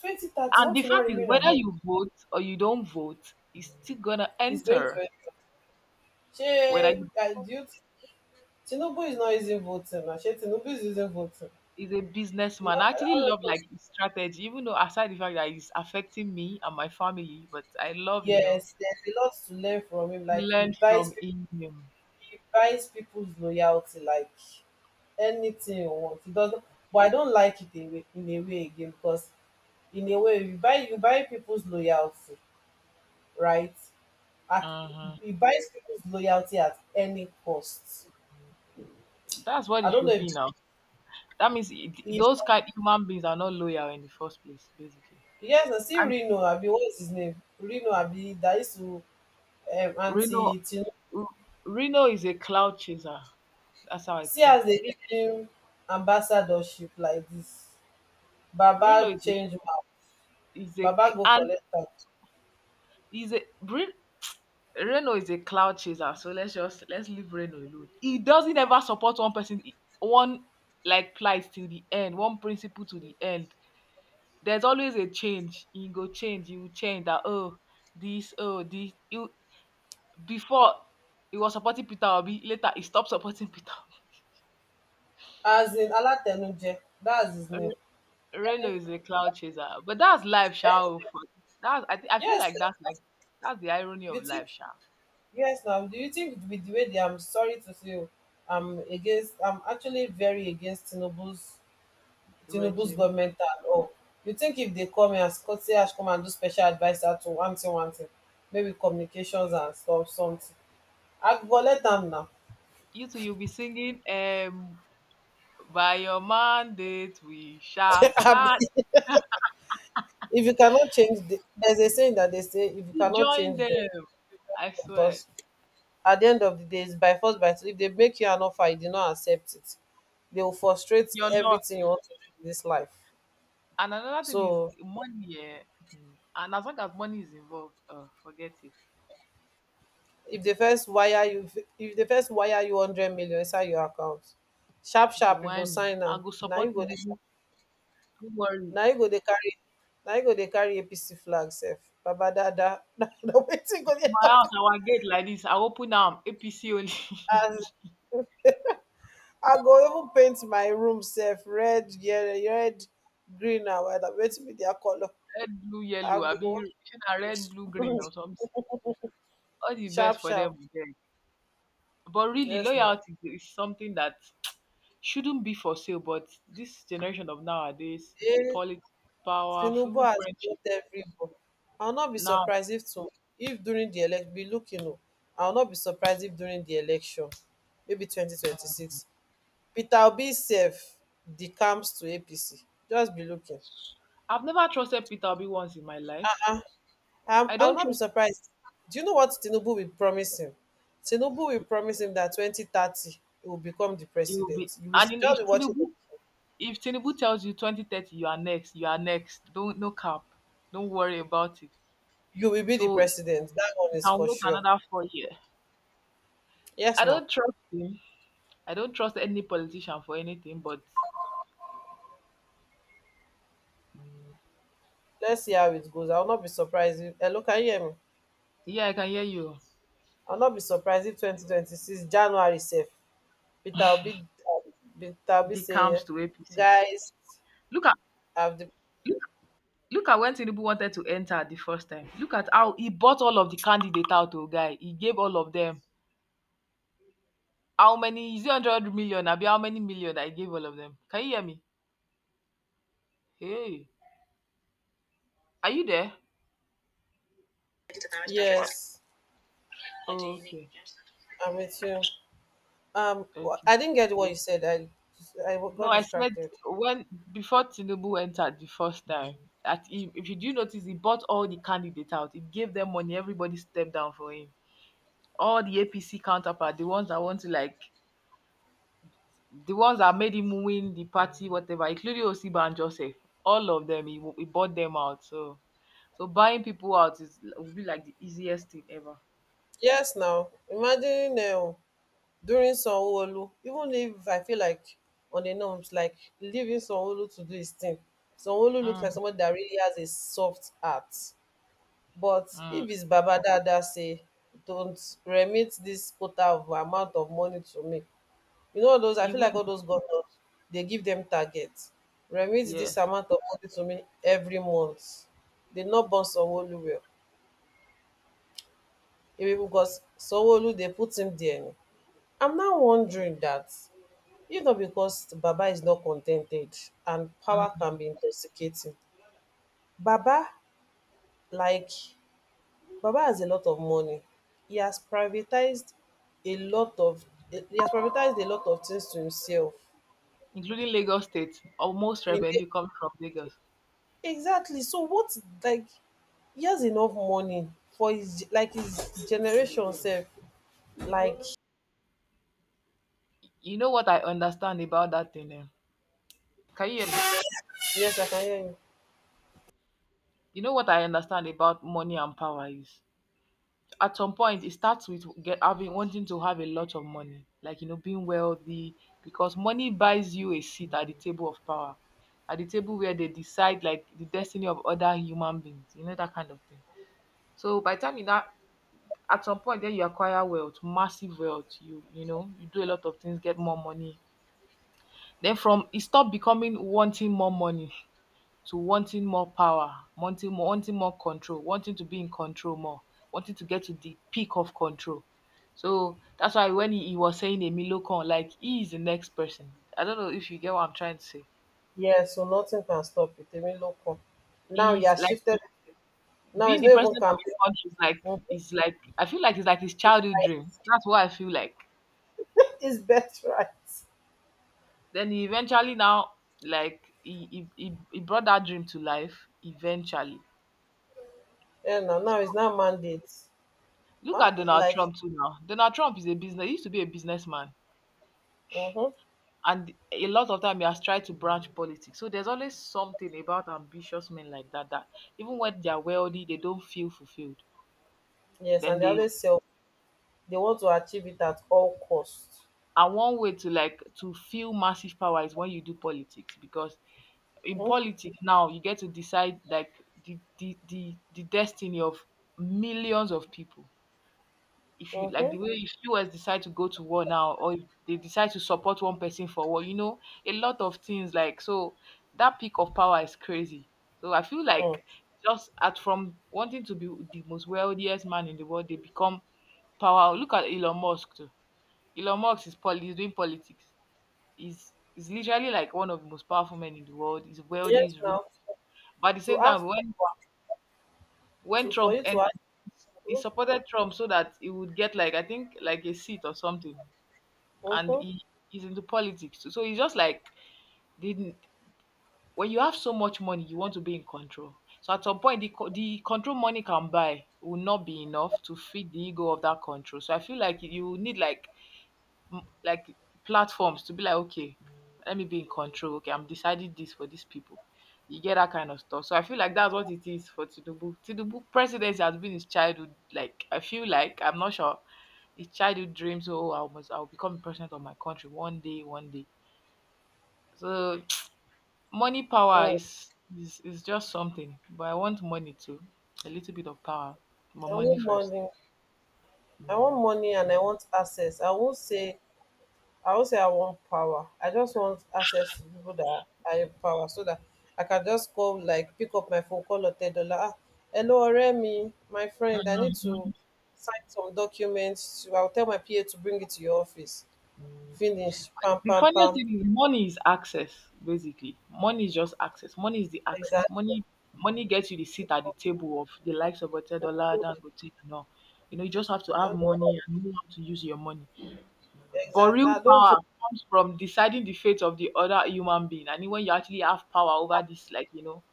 twenty thirty
And the
what will not
fact is,
remain of
whether
Nigeria
you vote or you don't vote, he's still gonna
is going to
enter.
end up? Ṣé
Whether you-
I do you think Tinubu is not using voting now? Ṣé Tinubu is using voting,
he's a
he's
businessman.
not
I actually
all those
love like
things.
his strategy, even though aside the fact that he's affecting me and my family, but I love, you know,
Yes, there's a lot to learn from him, like he
learn
buys
from
people,
him.
he buys people's loyalty. Like anything you want, he doesn't. But I don't like it in a way, in a way again, because in a way you buy you buy people's loyalty, right? at
Mhm.
He buys people's loyalty at any cost.
That's what
I
it
don't know
should
if
be now. That means it,
if
those kind human beings are not loyal in the first place, basically.
Yes, I see
And
Reno. Abi, what is his name? Reno, abi, that used to, um,
Reno,
anti Tinubu.
R- Reno is a cloud chaser. That's how I
See
think.
as they give him ambassadorship like this,
Reno
Baba
is a,
change mouth.
is a
Baba
cr-
go
and
collect am.
is a Re- Reno is a cloud chaser. So let's just let's leave Reno alone. He doesn't ever support one person, one like plight till the end, one principle to the end. There's always a change. He go change. He will change that. Oh, this. Oh, this. He, Before he was supporting Peter Obi, later he stopped supporting Peter
As in Alatenuje, that's his
Obi.
name.
Re- Reno
Any-
is a cloud chaser, but that's life, Sha.
any-
that's I, thi- I feel
Yes,
like that's
sir.
like that's the irony
You
of
think
life, Sha.
Yes now. Do you think with the way they, I'm sorry to say oh, I'm against, I'm actually very against Tinubu's
The
tinubu's
regime.
goment and all. You think if they come here as kotse, come and do special adviser to one thing, one thing, maybe communications and stuff, something, I go let am na?
You two, you'll be singing um by your mandate we shall
abi,
stand.
if you cannot change the theres a saying that they say, if you
You
cannot
join
change them,
them. I swear,
because at the end of the day its by force by two. If they make you an offer you did not accept it, they will frustrate
it's your loss.
everything you want to do in this life.
And another thing is
So
money, yeah. Mhm. And as long as money is involved, uh, forget it.
if dey first wire you if dey first wire you hundred million inside your account, sharp
They
sharp you go
want me.
sign
I
am
go
na,
support
you go dey,
you. Don't worry.
na you go dey carry na you go dey carry apc flag sef. Baba dada, na wetin you go
For
dey
my
talk?
house, our gate like this. I open am A P C only.
As I go even paint my room sef red, yellow, red, green and white. Abi wetin be their colour?
Red, blue,
I
yellow abi
go,
shey na red, blue, green or something. All the best
sharp
for them
sharp.
o. But really
Yes now.
loyalty is something that shouldn't be for sale, but this generation of nowadays,
Hey,
politics, power,
Tinubu
even
has
friendship
blocked every door. I will not be
now.
surprised if to If during the elec, be looking o, I will not be surprised if during the election, maybe twenty twenty six, Peter Obi sef decamps to apc, just be looking.
I've never trusted Peter Obi once in my life.
i'm
I
I will
don't
not be
trust
surprised. Do you know what Tinubu will promise him? Tinubu will promise him that twenty thirty he will become the
He will be
president. You will
and in-
just
if
be watching.
Tinubu, if Tinubu tells you twenty thirty you are next, you are next. Don't no cap. Don't worry about it.
You will be the
So
president, that one is
I'll
for
wait
sure.
another four years.
Yes
I
now,
don't trust him. I don't trust any politician for anything, but
let's see how it goes. I will not be surprised if, hello, can you hear me?
yeah, I can hear you.
I will not be surprised if twenty twenty six january sef, Peter Obi, um, peter obi
The camps
say,
to A P C.
guys,
Look at
have the,
look, look at when Tinubu wanted to enter the first time. Look at how he bought all of the candidate out to a guy. He gave all of them. How many is it, hundred million? Abi how many million I gave all of them? Can you hear me? Hey. Are you there? What?
yes,
Oh, okay.
I'm with you. um wh-
Okay.
I didn't get what you said, i I
No,
got
I said
distracted.
when before Tinubu entered the first time, at him, if you do notice, he bought all the candidates out. He gave them money. Everybody stepped down for him. All the A P C counterpart, the ones that want to like, the ones that made him win the party, whatever, including Osiba and Joseph. All of them, he, he bought them out. So, so buying people out is would be like the easiest thing ever.
Yes now, imagine, um, during Olu. Even if I feel like on a norms like leaving Olu to do his thing, Olu looks
Mm,
like somebody that really has a soft heart. But
mm.
if his baba dada say, dont remit dis quota of amount of money to me, you know, all those, I
He
feel
will,
like all those governors dey give dem target, remit dis
yes,
amount of money to me every month, dey no born Sanwoolu well. Maybe becos Sanwoolu dey put him dia, I'm now wondering dat, if not becos baba is not con ten ted, and power
mm,
can be intoxicating. Baba, like, Baba has a lot of money. He has privatized a lot of, he has privatized a lot of things to himself.
including Lagos State. Almost
In
revenue comes from Lagos.
Exactly. So what, like, he has enough money for his, like, his generation self. Like,
You know what I understand about that thing, eh? Can you hear me?
yes, I can hear you.
You know what I understand about money and power is at some point it starts with get having wanting to have a lot of money, like you know, being wealthy, because money buys you a seat at the table of power, at the table where they decide like the destiny of other human beings, you know, that kind of thing. So by the time you that at some point then you acquire wealth, massive wealth, you you know, you do a lot of things, get more money. Then from it stop becoming wanting more money, to wanting more power, wanting more, wanting more control, wanting to be in control more, wanting to get to the peak of control. So that's why when he, he was saying Emilio Kon, like he is the next person. I don't know if you get what I'm trying to say.
Yes, so nothing can stop it. Even local. Now he
He's
has
like
shifted. Now
being
it's
the
not even
president of the
campaign.
country is like,
Mhm.
is like, I feel like it's like his childhood dream. That's what I feel like.
It's best, right?
Then he eventually now, like he he, he, he brought that dream to life eventually.
Yeah, now, now
So,
it's not mandate.
look
Huh?
at Donald
Like,
Trump too now. Donald Trump is a business. He used to be a businessman,
mm-hmm.
and a lot of time he has tried to branch politics. So there's always something about ambitious men like that that even when they're wealthy, they don't feel fulfilled.
Yes,
Then
and they
they
always sell, they want to achieve it at all cost.
and one way to like to feel massive power is when you do politics because in
um
politics now you get to decide like the the the, the destiny of millions of people. If you like the
um
way, if you guys decide to go to war now, or if they decide to support one person for war, you know, a lot of things like so that peak of power is crazy. So I feel
um
like just at from wanting to be the most wealthiest man in the world, they become power. Look at Elon Musk too. Elon Musk is poli- He's doing politics. He's he's literally like one of the most powerful men in the world. He's wealthy,
yes.
he's rich.
Now
But at the
to
same
have,
time, when when
to for
Trump
you to
entered,
have
he supported Trump so that he would get like I think like a seat or something,
um
and
um
he, he's into politics. So, so he's just like didn't when you have so much money, you want to be in control. So at some point, the co- the control money can buy will not be enough to feed the ego of that control. So I feel like you need like m- like platforms to be like, okay, let me be in control. Okay, I'm deciding this for these people. You get that kind of stuff. So I feel like that's what it is for Tinubu. Tinubu presidency has been his childhood. Like I feel like I'm not sure his childhood dreams. Oh, I must, I'll become president of my country one day, one day. So money power
um
is is is just something. But I want money too. A little bit of power. But
I
money
want
first.
money, i want money and I want access. i won't say I won't say I want power, I just want access to people that I empower, so that I can just go, like, pick up my phone, call or Otedola, ah, hello Remy, my friend, I need to sign some documents, I will tell my P A to bring it to your office, finish, pam
The
pam
funniest
pam.
thing is money is access, basically. Money is just access. Money is the access.
Exactly.
Money money gets you the seat at the table of the likes of Otedola, Dangote, and all. You know, you just have to
I
have
don't
money and know how to use your money. But
Exactly.
real
I don't.
power
think-
comes from deciding the fate of the other human being. And when you actually have power over this, like, you know,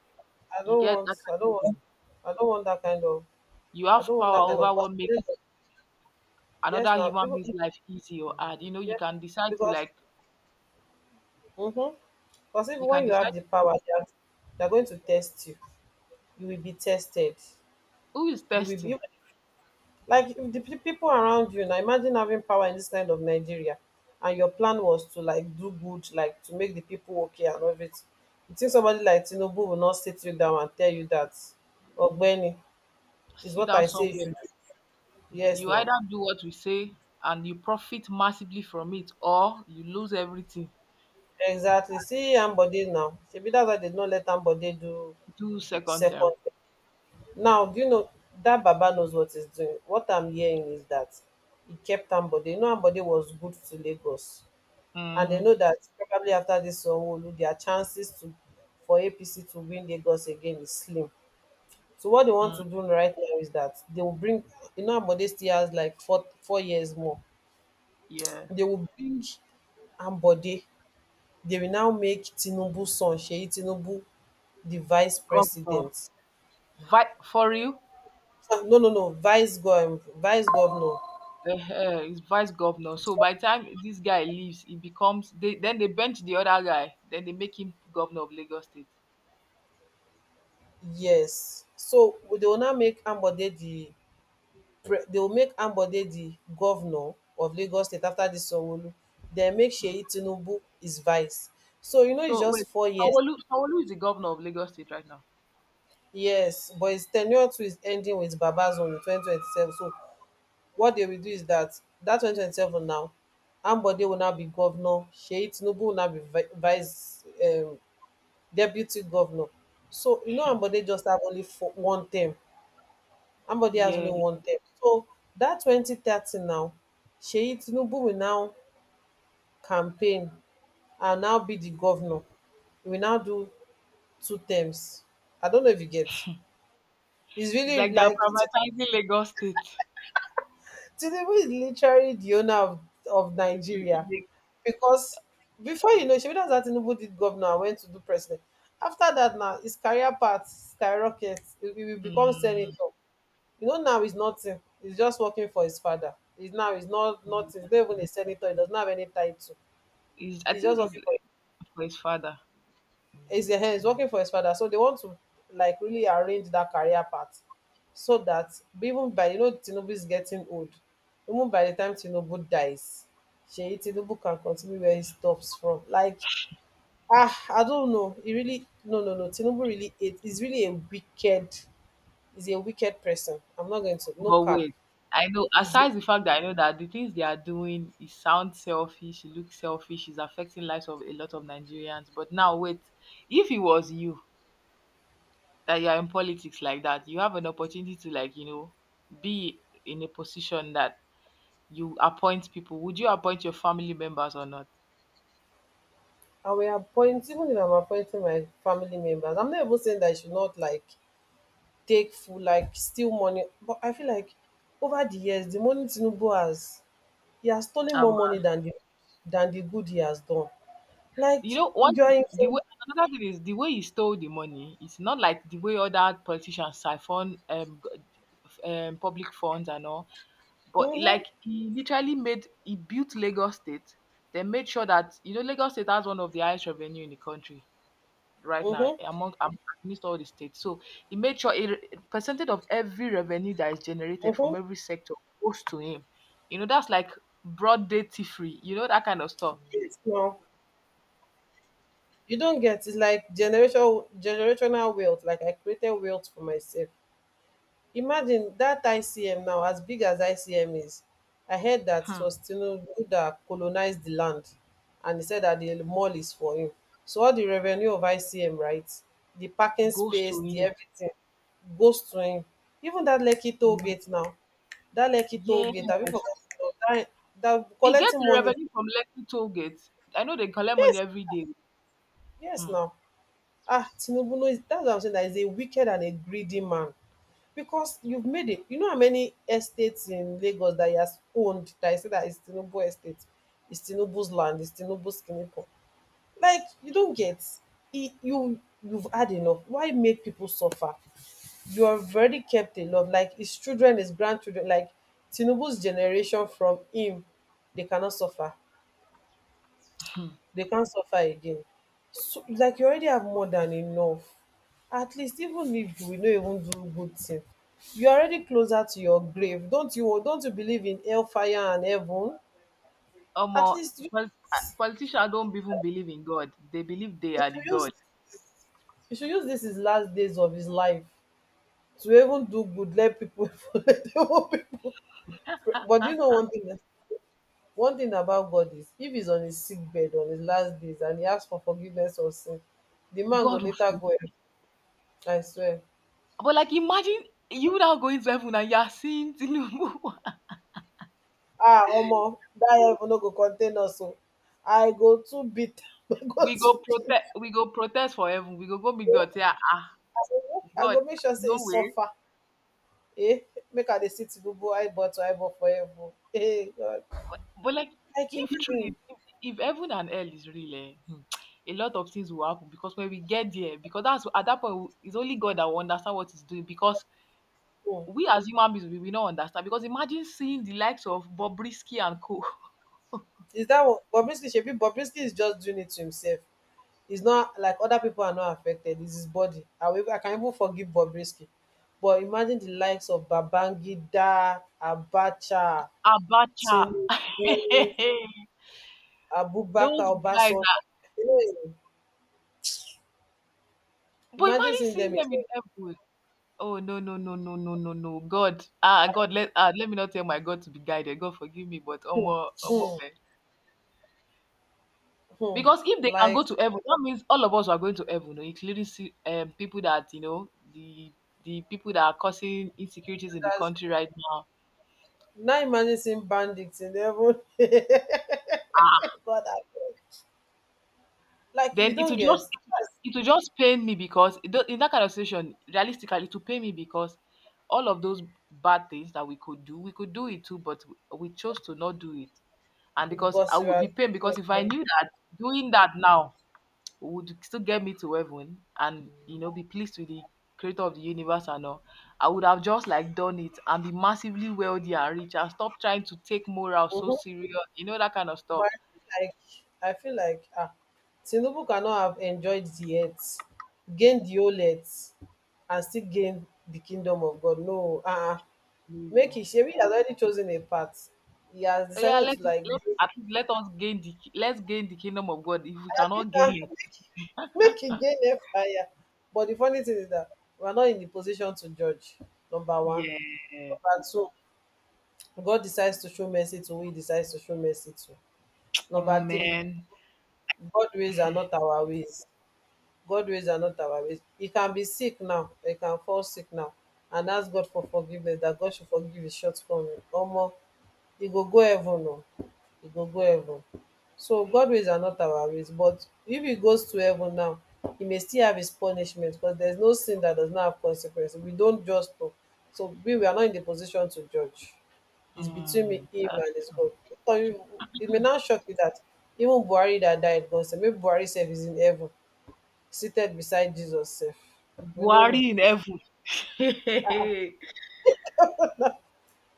I
you
don't
get
want.
that kind
I don't
of
want.
thing.
I don't want that kind of.
You
I
have
don't want
power
that kind
over
of person.
what makes
Yes, yes
another
now.
human
Even
being's
if,
life easy or hard. You know, you
yeah,
can decide to
because,
like,
mm-hmm. Because even
you
when
can
you have
decide
the power, they are, they are going to test you. You will be tested.
who is
You will be
testing.
Like if the pe- people around you. Now imagine having power in this kind of Nigeria, and your plan was to like do good, like to make the people okay and all of it. You think somebody like Tinubu will not sit you down and tell you that, or Ogbeni? Is
Sit
what
down
I say you
somewhere.
should do. Yes,
You either
now.
do what we say and you profit massively from it, or you lose everything.
Exactly. See Ambode now. Shebi, that's why they don't let Ambode do
Do second term.
second. Now, do you know that Baba knows what he's doing? What I'm hearing is that he kept Ambode. You know, Ambode was good to Lagos. And they
Mhm,
know that probably after this Onwolu, their chances to, for A P C to win Lagos again is slim. So what they want
mm,
to do right now is that they will bring, you know, Ambode still has like four four years more.
yeah.
They will bring Ambode. They will now make Tinubu's son, Sheyi Tinubu, the vice
Governor.
president.
Vi- for you,
Ah, no, no, no, vice gov, vice governor.
uh he's vice governor. So by the time this guy leaves, he becomes they then they bench the other guy. Then they make him governor of Lagos State.
Yes. So they will now make Ambode the pre- they will make Ambode the governor of Lagos State after this Sanwo-Olu. Then make Sheyi Tinubu his vice. So you know it's
So
just
wait,
four years.
Sanwo-Olu Sanwo-Olu is the governor of Lagos State right now.
Yes, but his tenure too is ending with Babazon in twenty twenty seven. So what they will do is that, that two thousand twenty seven now, Ambode will now be governor, Sheyi Tinubu will now be vi- vice, um, deputy governor. So you know Ambode just have only for one term. Ambode has
Yeah,
only one term. So that two thousand thirty now, Sheyi Tinubu will now campaign and now be the governor. We now do two terms. I don't know if you get. It's
it's
really
like they're
like,
privatizing Lagos State.
Tinubu is literally the owner of, of Nigeria,
Mm,
because before you know, Shebi, that's how Tinubu did governor and went to do president. After that, now his career path skyrockets. He he will become senator. You know, now he's nothing. He's just working for his father. He's now, he's not
mm,
nothing.
yeah.
He's not even a senator. He does not have any title.
He's- I
He's just
think it's
working for,
for his father.
he's, ehen, he's working for his father, so they want to like really arrange that career path so that, even by, you know, Tinubu is getting old, even by the time Tinubu dies, Sheyi Tinubu can continue where he stops from. Like, ah, I don't know. He really, no no no. Tinubu really, it is really a wicked. He's a wicked person. I'm not going to, no
But
cap.
wait, I know
Is,
aside the fact that I know that the things they are doing, it sounds selfish, it looks selfish. It's affecting lives of a lot of Nigerians. But now wait, if it was you that you are in politics like that, you have an opportunity to like, you know, be in a position that you appoint people. Would you appoint your family members or not?
I will appoint even if I'm appointing my family members. I'm not even saying that you should not like take full, like steal money, but I feel like over the years, the money Tinubu has, he has stolen
Um,
more money than the, than the good he has done. Like
you know, one
you're
thing-
in
the way Another thing is the way he stole the money. It's not like the way other politicians siphon um, g- um public funds and all. But
mhm
like he literally made he built Lagos State, then made sure that you know Lagos State has one of the highest revenue in the country right now
mhm
among am- amidst all the states. So he made sure a re- percentage of every revenue that is generated from
mhm
every sector goes to him. You know that's like broad day tea free. You know that kind of stuff.
yes now, you don't get, it's like generation generational wealth. Like I created wealth for myself. Imagine that ICM, now as big as ICM is, I heard that it
Hmm.
was tinubu dat colonise di land, and he said that the mall is for him. So all the revenue of ICM, right, the parking
Goes
space,
to
the
him.
everything goes to him. Even that Lekki toll
Imagine.
gate now, that Lekki toll
Yes,
gate abi for dat, That that
he gets
collecting
the
money.
revenue from Lekki toll gate. I know they collect money
Yes,
every day.
yes
Hmm.
now, ah Tinubu no, that's why I'm saying dat is a wicked and a greedy man, because you've made it. You know how many estates in Lagos that he has owned, that I say that is Tinubu estate, is Tinubu's land, is Tinubu's kinipo. Like you don't get it, you you've had enough. Why make people suffer? You have already kept a lot. Like his children, his grandchildren, like Tinubu's generation from him, they cannot suffer, they can't suffer again. So, like you already have more than enough. At least even if you will not even do good thing, you're already closer to your grave. Don't you don't you believe in hellfire and heaven?
Omo,
At least you,
pol- ah, politicians don't even believe in God. They believe they
you
are the
should use
God.
you should use this, his last days of his life, to even do good, let people let even people pray. But you know one thing, one thing about God is if he's on his sick bed on his last days and he asks for forgiveness of sin, the man go
God
later
will
go.
forgive.
I swear.
But like, imagine you now going to heaven and you are seeing Tinubu.
Ah omo dat level no go contain us oo. I go too beat I go
We go
too
protest.
change
We go protest for heaven. We go go meet
I
God. Yeah, ah, ah,
go, I
God,
go make sure sey
no
e
way.
suffer. Eh, make I dey sit gbogbo eyeball to eyeball for heaven oo. Eh God.
But like,
Like
if
imagine.
truly, if, if heaven and hell is real, eh, hmm, a lot of things will happen because when we get there, because that's at that point, we- it's only God that will understand what He's doing because
Hmm.
we as human beings we, we don't understand because imagine seeing the likes of Bobrisky and Co.
Is that one? Bobrisky, shebi Bobrisky is just doing it to himself. He's not like, other people are not affected, it's his body. I will I can even forgive Bobrisky, but imagine the likes of Babangida, Abacha,
Abacha.
Tinubu, Abubakar,
Those guys
Obasanjo.
are
Hey,
But
imagine
imagine
seeing
seeing
them in.
them in heaven. Oh, no, no, no, no, no, no, no. God, ah God, let ah let me not tell my God to be guided. God forgive me, but omo omo
hmm,
man,
hmm,
because if they can go
like
to heaven that means all of us are going to heaven oh, including see, um, people that you know the the people that are causing insecurities in the
that's,
country right now.
now imagine seeing bandits in the heaven. God, I beg. Like
Then
you
it
don't
will
get,
just it will just pain me because it do- in that kind of situation, realistically, it will pain me because all of those bad things that we could do, we could do it too, but we chose to not do it. And because I
because you
would
are
be pained
chasing
because if I
them.
knew that doing that now would still get me to heaven and you know be pleased with the creator of the universe and all, I would have just like done it and be massively wealthy and rich and stop trying to take moral so
Mhm.
serious, you know that kind of stuff.
But I feel like, I feel like ah, Tinubu cannot have enjoyed the earth, gained the whole earth, and still gain the kingdom of God. No, uh-uh. Make it. Shebi has already chosen a path. He has
Yeah,
decided
let
to, like.
let at least let us gain the ki- let's gain the kingdom of God if we cannot gain it.
Make e dey hellfire, but the funny thing is that we are not in the position to judge. Number one.
Yeah.
Number two, God decides to show mercy to who he decides to show mercy to.
Come on,
Number three,
man.
God ways are not our ways. God ways are not our ways. He can be sick now, he can fall sick now, and ask God for forgiveness dat God should forgive his shortcoming. Omo, e go go heaven oh, e go go heaven. So God ways are not our ways, but if he goes to heaven now, he may still have his punishment because there's no sin that does not have consequence. We don't just know. So we, we are not in the position to judge. It's between me,
Mm.
him
That's
and his
true.
God. So you- It may not shock you that even Buhari that died, God said, maybe Buhari self is in heaven, seated beside Jesus self. We don't know.
Buhari in heaven.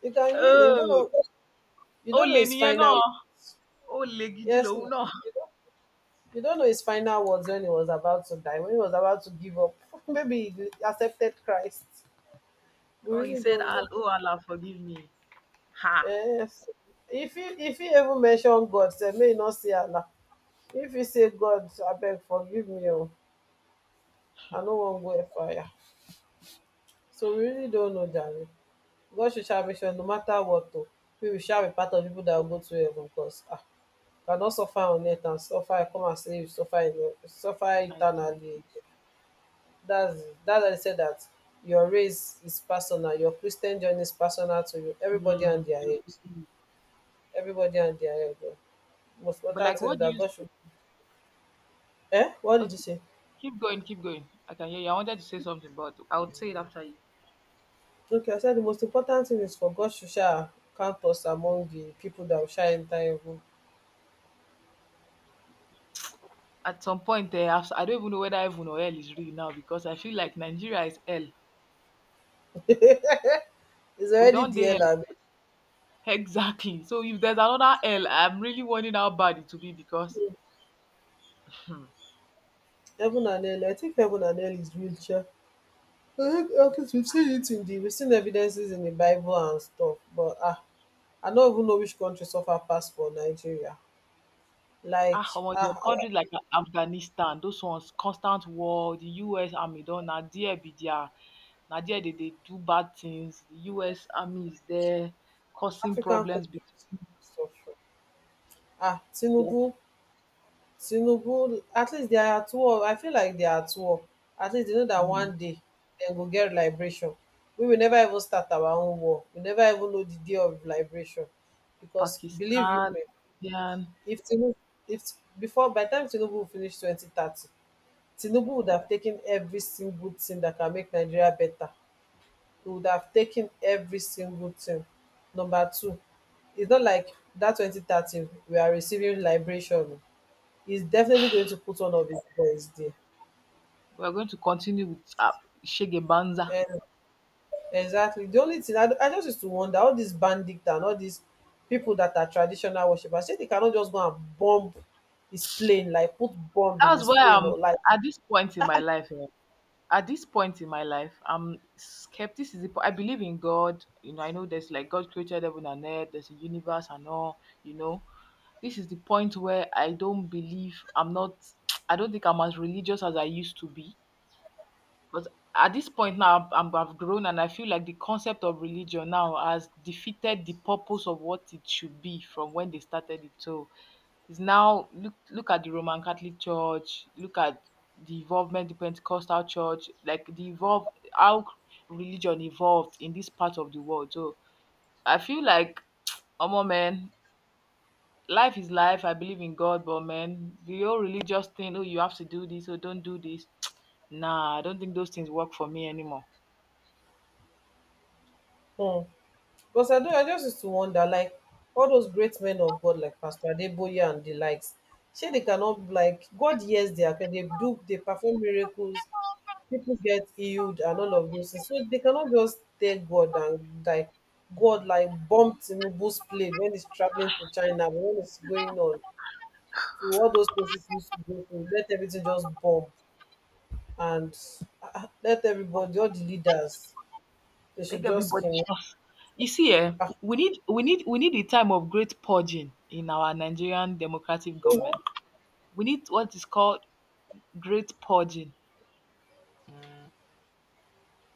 You can be, you don't
Oh,
know, you
ó
don't know
le
his
nìyẹn náà.
final.
Ó le gidi
Yes,
lòun
no.
náà.
You don't know his final words when he was about to die, when he was about to give up. Maybe he accepted Christ. We
Oh, he
really
said,
don't
"Al-
know.
Oh Allah, forgive me." Ha!
Yes. If he if he ever mention God, say may he not say Allah. If he say God, I beg forgive me, oh, I no wan go fire. So we really don't know, Jerry. God should shall make sure no matter what though, we will shall be part of the people that will go to heaven because ah, you cannot suffer on earth and suffer come and say you suffer in, suffer
I thank
eternally
you.
again. That's that's why I said that your race is personal, your Christian journey is personal to you. Everybody
Mm.
and their age. Everybody and their age. Oh. Most
But
important
like,
thing is
what do
that
you?
God should— Eh? What did you
Okay,
say?
keep going, keep going. I can hear you. I wanted to say something, but I would say it after you.
Okay, I said the most important thing is for God to shall count us among the people that will shall enter heaven.
At some point, eh, I've- I don't even know whether heaven or hell is real now because I feel like Nigeria is hell.
It's
We
already
don't dey
there,
hell.
like
Exactly. So if there's another hell, I'm really wondering how bad it will be because
heaven and hell. I think heaven and hell is real, sha. I think, okay, so we've seen it in the, we've seen evidences in the Bible and stuff, but ah, I don't even know which country suffer pass for Nigeria. Like
ah, omo, there are
ah,
countries like Afghanistan, those ones, constant war, the U S army don na there be their na there they dey do bad things. The U S army is there causing
African cultural
problems between
structure. Ah,
their,
Tinubu, Tinubu, at least they are at war. I feel like they are at war. At least they know that
um,
one day they go get liberation. We will never even start our own war. We never even know the day of liberation. Because believe you
Pakistan,
me,
Indian.
if Tinubu, if before by the time Tinubu will finish twenty thirty, Tinubu would have taken every single thing that can make Nigeria better, he would have taken every single thing. Number two, it's not like that twenty thirteen we are receiving liberation. He's definitely going to put one of his boys there.
We're going to continue with uh, Shege Banza.
And exactly. The only thing I, I just used to wonder, all these bandits and all these people that are traditional worshippers, say they cannot just go and bomb his plane, like put bomb in
That's
his
why
plane
I'm
or like.
at this point in my life. eh, At this point in my life, I'm skepticism. I believe in God. You know, I know there's like God created heaven and earth. There's a universe and all. You know, this is the point where I don't believe. I'm not. I don't think I'm as religious as I used to be. But at this point now, I'm, I've grown and I feel like the concept of religion now has defeated the purpose of what it should be from when they started it. So it's now look look at the Roman Catholic Church, look at the involvement the Pentecostal Church, like the evolve how religion evolved in this part of the world. So I feel like, oh man, life is life. I believe in God, but man, the whole religious thing, oh, you have to do this, oh, don't do this. Nah, I don't think those things work for me anymore.
Hmm. Because I do, I just used to wonder, like all those great men of God, like Pastor Adeboye and the likes, say they cannot, like, God hears their prayer, they do, they perform miracles, people get healed and all of those things. So they cannot just take God and, like, God, like, bumped Tinubu's plane when he's traveling to China, but when it's going on to all those places he used to go to, let everything just bomb. And ah, ah, let everybody, all the leaders, they
Make
should just
everybody
can—
just You see, eh, we need we need we need a time of great purging in our Nigerian democratic government. We need what is called great purging.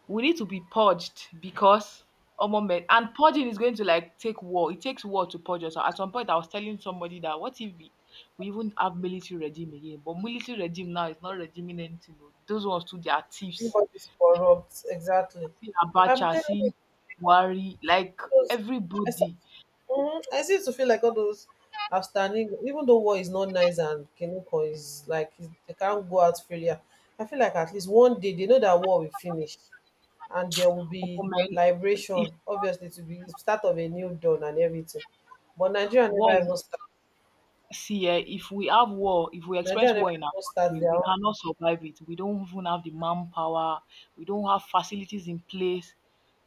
We need to be purged because omo men, and purging is going to like take war. It takes war to purge us. At some point, I was telling somebody that what if we, we even have military regime again? But military regime now is not regiming anything. Oh. Those ones too, they are thieves.
Everybody's corrupt, exactly.
See
I'm
Abacha,
telling you,
see Buhari, like
because, I, sa-
everybody.
Mhm. I seem to feel like all those outstanding, even though war is not nice and Kenoko is like is- they can't go out freely. I feel like at least one day they know that war will finish and there will
Omo
be
men, if
liberation. Obviously, to be start of a new dawn and everything. But Nigeria
war
never even start.
see, eh, if we have war, if we experience
Nigeria never
war in our
even start
country,
their
we
own.
cannot survive it. We don't even have the manpower. We don't have facilities in place.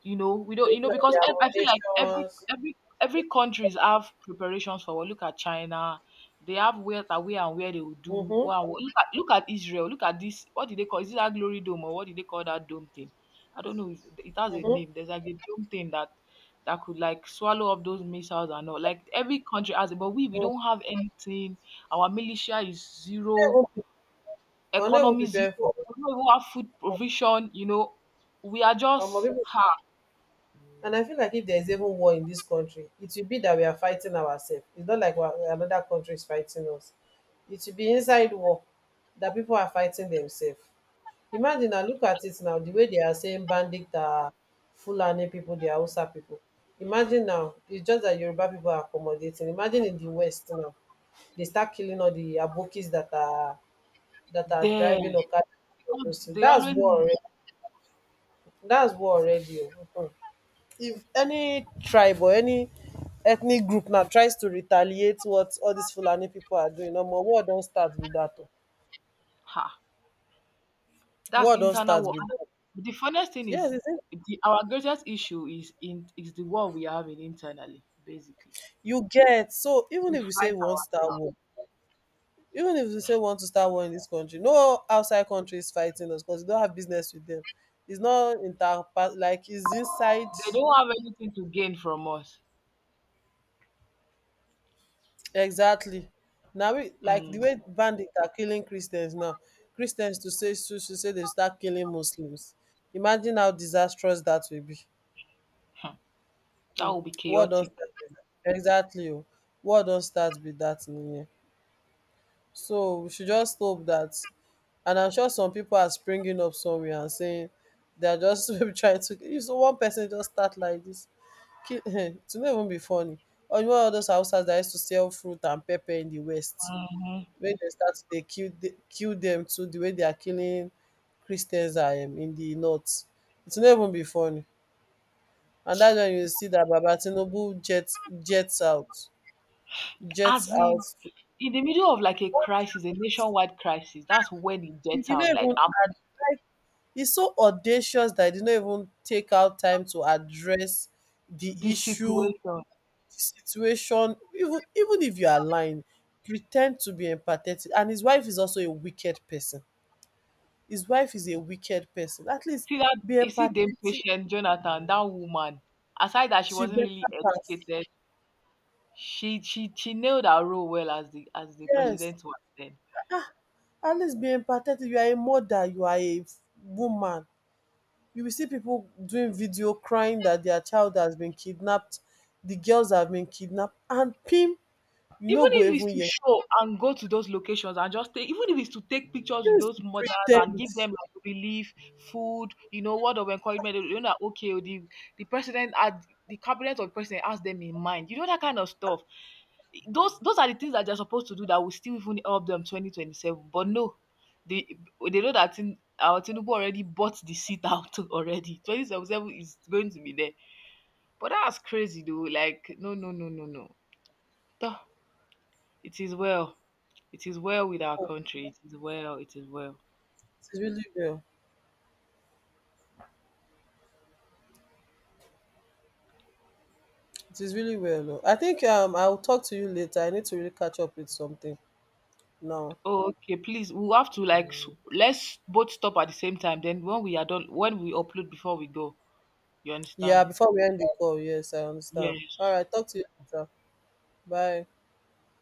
You know, we don't.
They
You know,
don't have
because
their
ev-
own
I feel like every
nations.
every every countries have preparations for war. Look at China. They have where that where and where they will do.
Mm-hmm,
Wow. Look at look at Israel. Look at this. What did they call? Is it that glory dome or what did they call that dome thing? I don't know. It it has a
mm-hmm,
name. There's like a dome thing that that could like swallow up those missiles and all. Like every country has it, but we we don't have anything. Our militia is zero,
mm-hmm. We're not even
economy zero.
preparing for it.
We don't even have food provision. You know, we are
Um,
just
people,
ha
and I feel like if there is even war in this country, it will be that we are fighting ourselves. It's not like we are- another country is fighting us. It will be inside war, that people are fighting themselves. Imagine now, look at it now, the way they are saying bandit are Fulani people, they are Hausa people. Imagine now, it's just that Yoruba people are accommodating. Imagine in the west now, they start killing all the abokis that are, that are
there
driving okada,
because
those—
they
that's
always
war already, that's war already o. Mhm. If any tribe or any ethnic group now tries to retaliate what all these Fulani people are doing, no more, war don start with that. Oh.
ha. That's
War don
internal
start
war.
with that.
And the funniest thing is
Yes, it's in-
the, our greatest issue is in is the war we are having internally. Basically,
you get. So even
we
if we say
fight
we want to start
ourselves.
war, even if we say we want to start war in this country, no outside country is fighting us because we don't have business with them. It's not inter, like it's inside.
They don't have anything to gain from us.
Exactly. Now we, like the
Mm,
way bandits are killing Christians now, Christians to say to, to say they start killing Muslims. Imagine how disastrous that will be.
that will be
War don't
chaotic.
start with that. Exactly. Oh. War don't start with that in here. So we should just hope that, and I'm sure some people are springing up somewhere, and saying they are just maybe trying to, if so one person just start like this. Kill, it will not even be funny. Or you know all those houses that used to sell fruit and pepper in the West, when they start to dey kill the— kill them too the way they are killing Christians are um in the north. It's will no even be funny, and that's wen you see that Baba Tinubu jets, jets out jets
As in
out to—
in the middle of like a crisis, a nationwide crisis, that's when it
He
gets
did not
out. Like,
even
um,
address, he's so audacious that he did not even take out time to address the
the
issue, the
situation.
situation. Even even if you are lying, pretend to be empathetic. And his wife is also a wicked person. His wife is a wicked person. At least
See that,
be
you see them
empathetic.
patient Jonathan, that woman. Aside that she
She
wasn't
better
really
pass.
educated, she she she nailed her role well as the as the
Yes.
president was then.
Ah, at least be empathetic. You are a mother, you are a woman. You will see people doing video crying that their child has been kidnapped, the girls have been kidnapped, and pim, you no
Even
go
if
even
it's to
hear.
show and go to those locations and just take, even if it's to take pictures with
Just
those
pre
mothers
ten
and
d.
give them like relief, food, you know, word of encouragement, you know, that okay, oh, the the president had the cabinet of president has them in mind, you know, that kind of stuff. Those those are the things that they're supposed to do that will still even help them twenty twenty-seven. But no, they they know that in, our Tinubu already bought the seat out already. Twenty twenty seven is going to be there. But that's crazy though. Like, no, no, no, no, no. Tah. It is well. It is well with our
Oh,
country. It is well. It is well.
it is really well. It is really well. Oh. I think um I will talk to you later. I need to really catch up with something now.
Oh, okay. Please, we will have to like s- let's both stop at the same time. Then when we are done, when we upload before we go, you
Yeah,
understand?
before we end the call. Yes, I understand. All
Yes.
right, talk to you later. Bye.